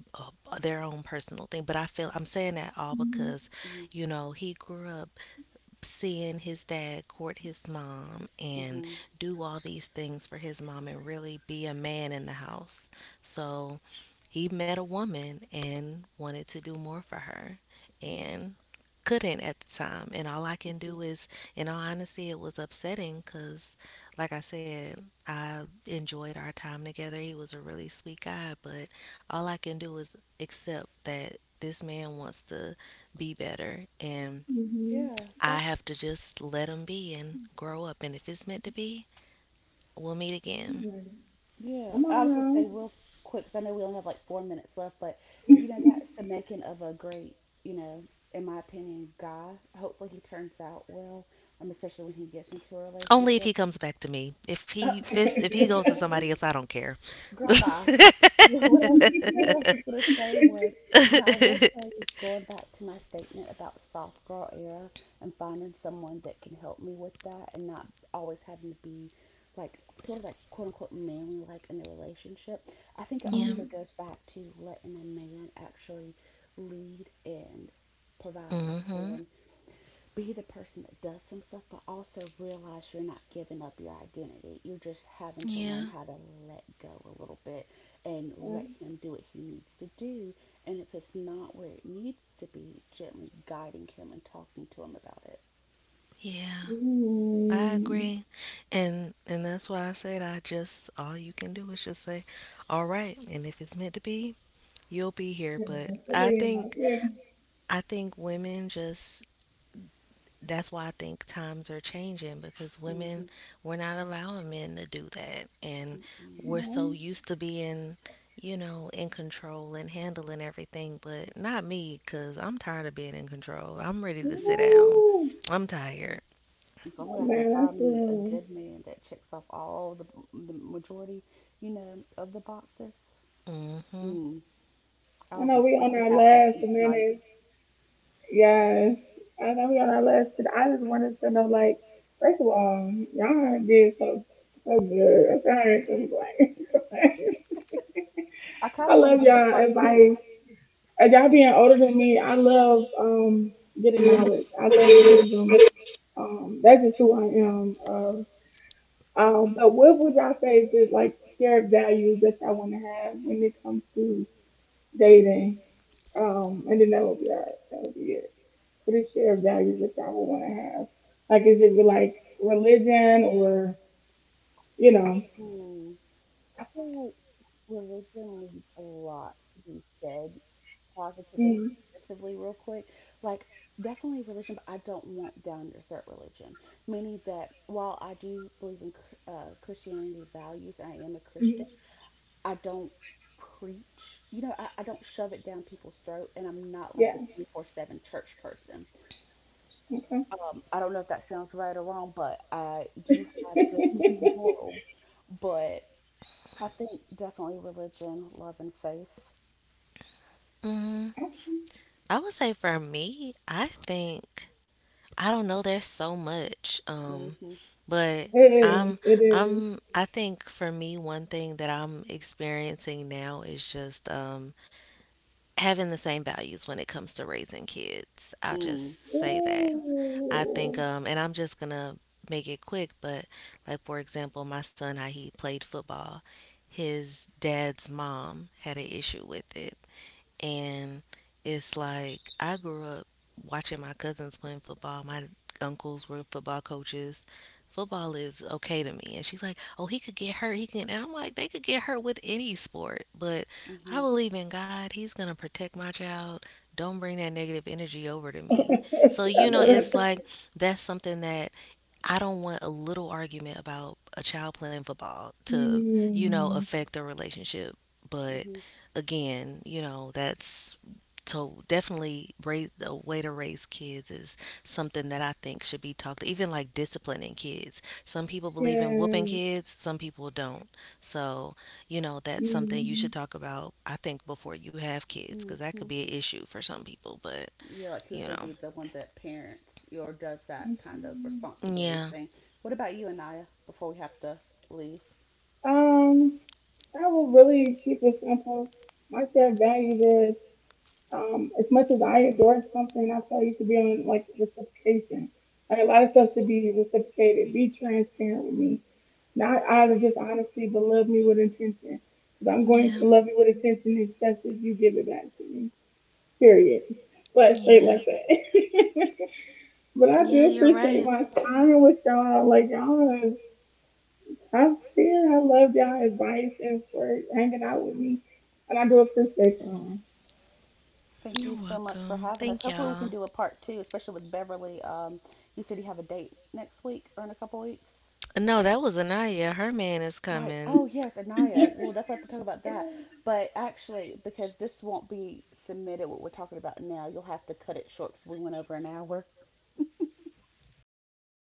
[SPEAKER 2] a their own personal thing. But I feel I'm saying that all because,
[SPEAKER 1] mm,
[SPEAKER 3] Mm-hmm.
[SPEAKER 2] you know, he grew up seeing his dad court his mom and
[SPEAKER 3] Mm-hmm.
[SPEAKER 2] do all these things for his mom and really be a man in the house. So he met a woman and wanted to do more for her.
[SPEAKER 3] Yeah.
[SPEAKER 2] And couldn't at the time. And all I can
[SPEAKER 3] Mm-hmm.
[SPEAKER 2] do is, in all honesty, it was upsetting because, like I said, I enjoyed our time together. He was a really sweet guy, but all I can do is accept that this man wants to be better. And
[SPEAKER 1] mm,
[SPEAKER 3] Yeah,
[SPEAKER 2] I
[SPEAKER 3] that's
[SPEAKER 2] have to just let him be and grow up. And if it's meant to be, we'll meet again.
[SPEAKER 1] mm,
[SPEAKER 3] yeah.
[SPEAKER 1] come
[SPEAKER 3] I
[SPEAKER 1] on
[SPEAKER 3] was gonna
[SPEAKER 1] now.
[SPEAKER 3] say real quick, 'cause I know we only have like four minutes left, but you know, that's the making of a great, you know, in my opinion, guy. Hopefully he turns out well, especially when he gets into a
[SPEAKER 2] Only if he
[SPEAKER 3] relationship.
[SPEAKER 2] comes back to me. If he if,
[SPEAKER 3] <laughs>
[SPEAKER 2] if he goes to somebody else, I don't care.
[SPEAKER 3] Girl, bye.
[SPEAKER 2] <laughs>
[SPEAKER 3] What I was going to say
[SPEAKER 1] <laughs>
[SPEAKER 3] was, Now I will tell you, going back to my statement about soft girl era and finding someone that can help me with that and not always having to be like, sort of like, quote unquote, manly like in a relationship, I think it
[SPEAKER 2] Yeah.
[SPEAKER 1] Ooh.
[SPEAKER 3] also goes back to letting a man actually lead and provide
[SPEAKER 2] Mhm.
[SPEAKER 3] and be the person that does some stuff, but also realize you're not giving up your identity. You're just having to learn
[SPEAKER 2] Yeah.
[SPEAKER 3] how to let go a little bit and
[SPEAKER 1] Oh
[SPEAKER 3] let him do what he needs to do. And if it's not where it needs to be, gently guiding him and talking to him about it.
[SPEAKER 2] Yeah. I agree. And that's why I said, I just, all you can do is just say, all right, and if it's meant to be, you'll be here. But I think women just, that's why I think times are changing, because women,
[SPEAKER 3] Mm-hmm,
[SPEAKER 2] we're not allowing men to do that, and
[SPEAKER 3] mm-mm,
[SPEAKER 2] we're so used to being, you know, in control and handling everything. But not me, cuz I'm tired of being in control. I'm ready to sit
[SPEAKER 3] mm-hmm.
[SPEAKER 2] down. I'm tired.
[SPEAKER 3] If only I
[SPEAKER 1] man,
[SPEAKER 3] could
[SPEAKER 1] that's
[SPEAKER 3] find me a
[SPEAKER 1] real.
[SPEAKER 3] good man that checks off all the majority, you know, of the boxes.
[SPEAKER 2] Mhm.
[SPEAKER 3] Mm,
[SPEAKER 1] I
[SPEAKER 3] I'll
[SPEAKER 1] know
[SPEAKER 3] be
[SPEAKER 1] we on
[SPEAKER 3] sleeping
[SPEAKER 1] our
[SPEAKER 3] happy
[SPEAKER 1] last
[SPEAKER 3] each night.
[SPEAKER 1] minute. Yes. I know we on our last minute. I just wanted to know like, first of all, y'all did so good. I'm like, <laughs>
[SPEAKER 3] I kind
[SPEAKER 1] I
[SPEAKER 3] of want to
[SPEAKER 1] love
[SPEAKER 3] do a
[SPEAKER 1] y'all
[SPEAKER 3] part two.
[SPEAKER 1] advice. And y'all being older than me, I love getting knowledge. I love wisdom. That's just who I am. But what would y'all say is just like shared values that y'all want to have when it comes to dating? And then that would be that would be it. What is shared values that y'all would want to have? Like, is it like religion or you know?
[SPEAKER 3] Mm. I feel like religion needs a lot to be said positively,
[SPEAKER 1] Mm.
[SPEAKER 3] negatively, real quick. Like, definitely religion, but I don't want down your throat religion. Meaning that while I do believe in Christianity values, and I am a Christian,
[SPEAKER 1] Mm.
[SPEAKER 3] I don't preach. You know, I don't shove it down people's throat, and I'm not like
[SPEAKER 1] Yeah.
[SPEAKER 3] a 24/7 church person.
[SPEAKER 1] Okay.
[SPEAKER 3] I don't know if that sounds right or wrong, but I do have good
[SPEAKER 1] <laughs>
[SPEAKER 3] <laughs> morals, but. I think definitely religion, love, and faith.
[SPEAKER 2] Mhm. I would say for me, I think I don't know. There's so much,
[SPEAKER 3] Mm-hmm.
[SPEAKER 2] but
[SPEAKER 1] it is.
[SPEAKER 2] I'm
[SPEAKER 1] It is.
[SPEAKER 2] I think for me, one thing that I'm experiencing now is just having the same values when it comes to raising kids. I'll just
[SPEAKER 3] Mm-hmm.
[SPEAKER 2] say that. I think,
[SPEAKER 1] Ooh.
[SPEAKER 2] and I'm just gonna make it quick, but like for example, my son, how he played football, his dad's mom had an issue with it, and it's like I grew up watching my cousins playing football. My uncles were football coaches. Football is okay to me. And she's like, oh, he could get hurt. He can. And I'm like, they could get hurt with any sport. But I
[SPEAKER 3] Mm-hmm.
[SPEAKER 2] believe in God. He's going to protect my child. Don't bring that negative energy over to
[SPEAKER 1] <laughs>
[SPEAKER 2] me. So,
[SPEAKER 1] I
[SPEAKER 2] you know,
[SPEAKER 1] know
[SPEAKER 2] it's
[SPEAKER 1] that.
[SPEAKER 2] like that's something that I don't want a little argument about a child playing football to, you know,
[SPEAKER 1] Mm,
[SPEAKER 2] affect their relationship. But again, you know, that's, so definitely raise, a way to raise kids, is something that I think should be talked. Even like disciplining kids, some people believe in whooping
[SPEAKER 1] yeah.
[SPEAKER 2] kids, some people don't. So, you know, that's something you should
[SPEAKER 1] Hmm.
[SPEAKER 2] talk about. I think before you have kids, because
[SPEAKER 3] Mm-hmm.
[SPEAKER 2] that could be an issue for some people. But
[SPEAKER 3] Yeah, like who's
[SPEAKER 2] you
[SPEAKER 3] going to
[SPEAKER 2] know,
[SPEAKER 3] be the one that parents or does that kind of
[SPEAKER 1] Mhm.
[SPEAKER 3] responsibility
[SPEAKER 2] yeah.
[SPEAKER 3] thing? What about you, Anaya, before we have to leave?
[SPEAKER 1] I will really keep it simple. My shared values is as much as I adore something, I feel you should be on like reciprocation. Like a lot of stuff should be reciprocated. Be transparent with me, not out of just honesty, but love me with intention. Because I'm going to
[SPEAKER 2] Yeah.
[SPEAKER 1] love you with intention, especially if you give it back to me. Period. But straight
[SPEAKER 2] Yeah.
[SPEAKER 1] like that. <laughs> but I
[SPEAKER 2] Yeah,
[SPEAKER 1] do
[SPEAKER 2] you're
[SPEAKER 1] appreciate
[SPEAKER 2] right.
[SPEAKER 1] my time with y'all. Like y'all I'm here. I love y'all advice and for hanging out with me. And I do appreciate y'all.
[SPEAKER 3] Thank you
[SPEAKER 2] You're
[SPEAKER 3] so much for
[SPEAKER 2] welcome.
[SPEAKER 3] having us.
[SPEAKER 2] Thank
[SPEAKER 3] Hopefully, we can
[SPEAKER 2] y'all.
[SPEAKER 3] do a part two, especially with Beverly. You said you have a date next week or in a couple weeks.
[SPEAKER 2] No, that was Anaya. Her man is
[SPEAKER 3] Right.
[SPEAKER 2] coming.
[SPEAKER 3] Oh, yes, Anaya. We'll definitely have to talk about that. But actually, because this won't be submitted, what we're talking about now, you'll have to cut it short because we went over an hour.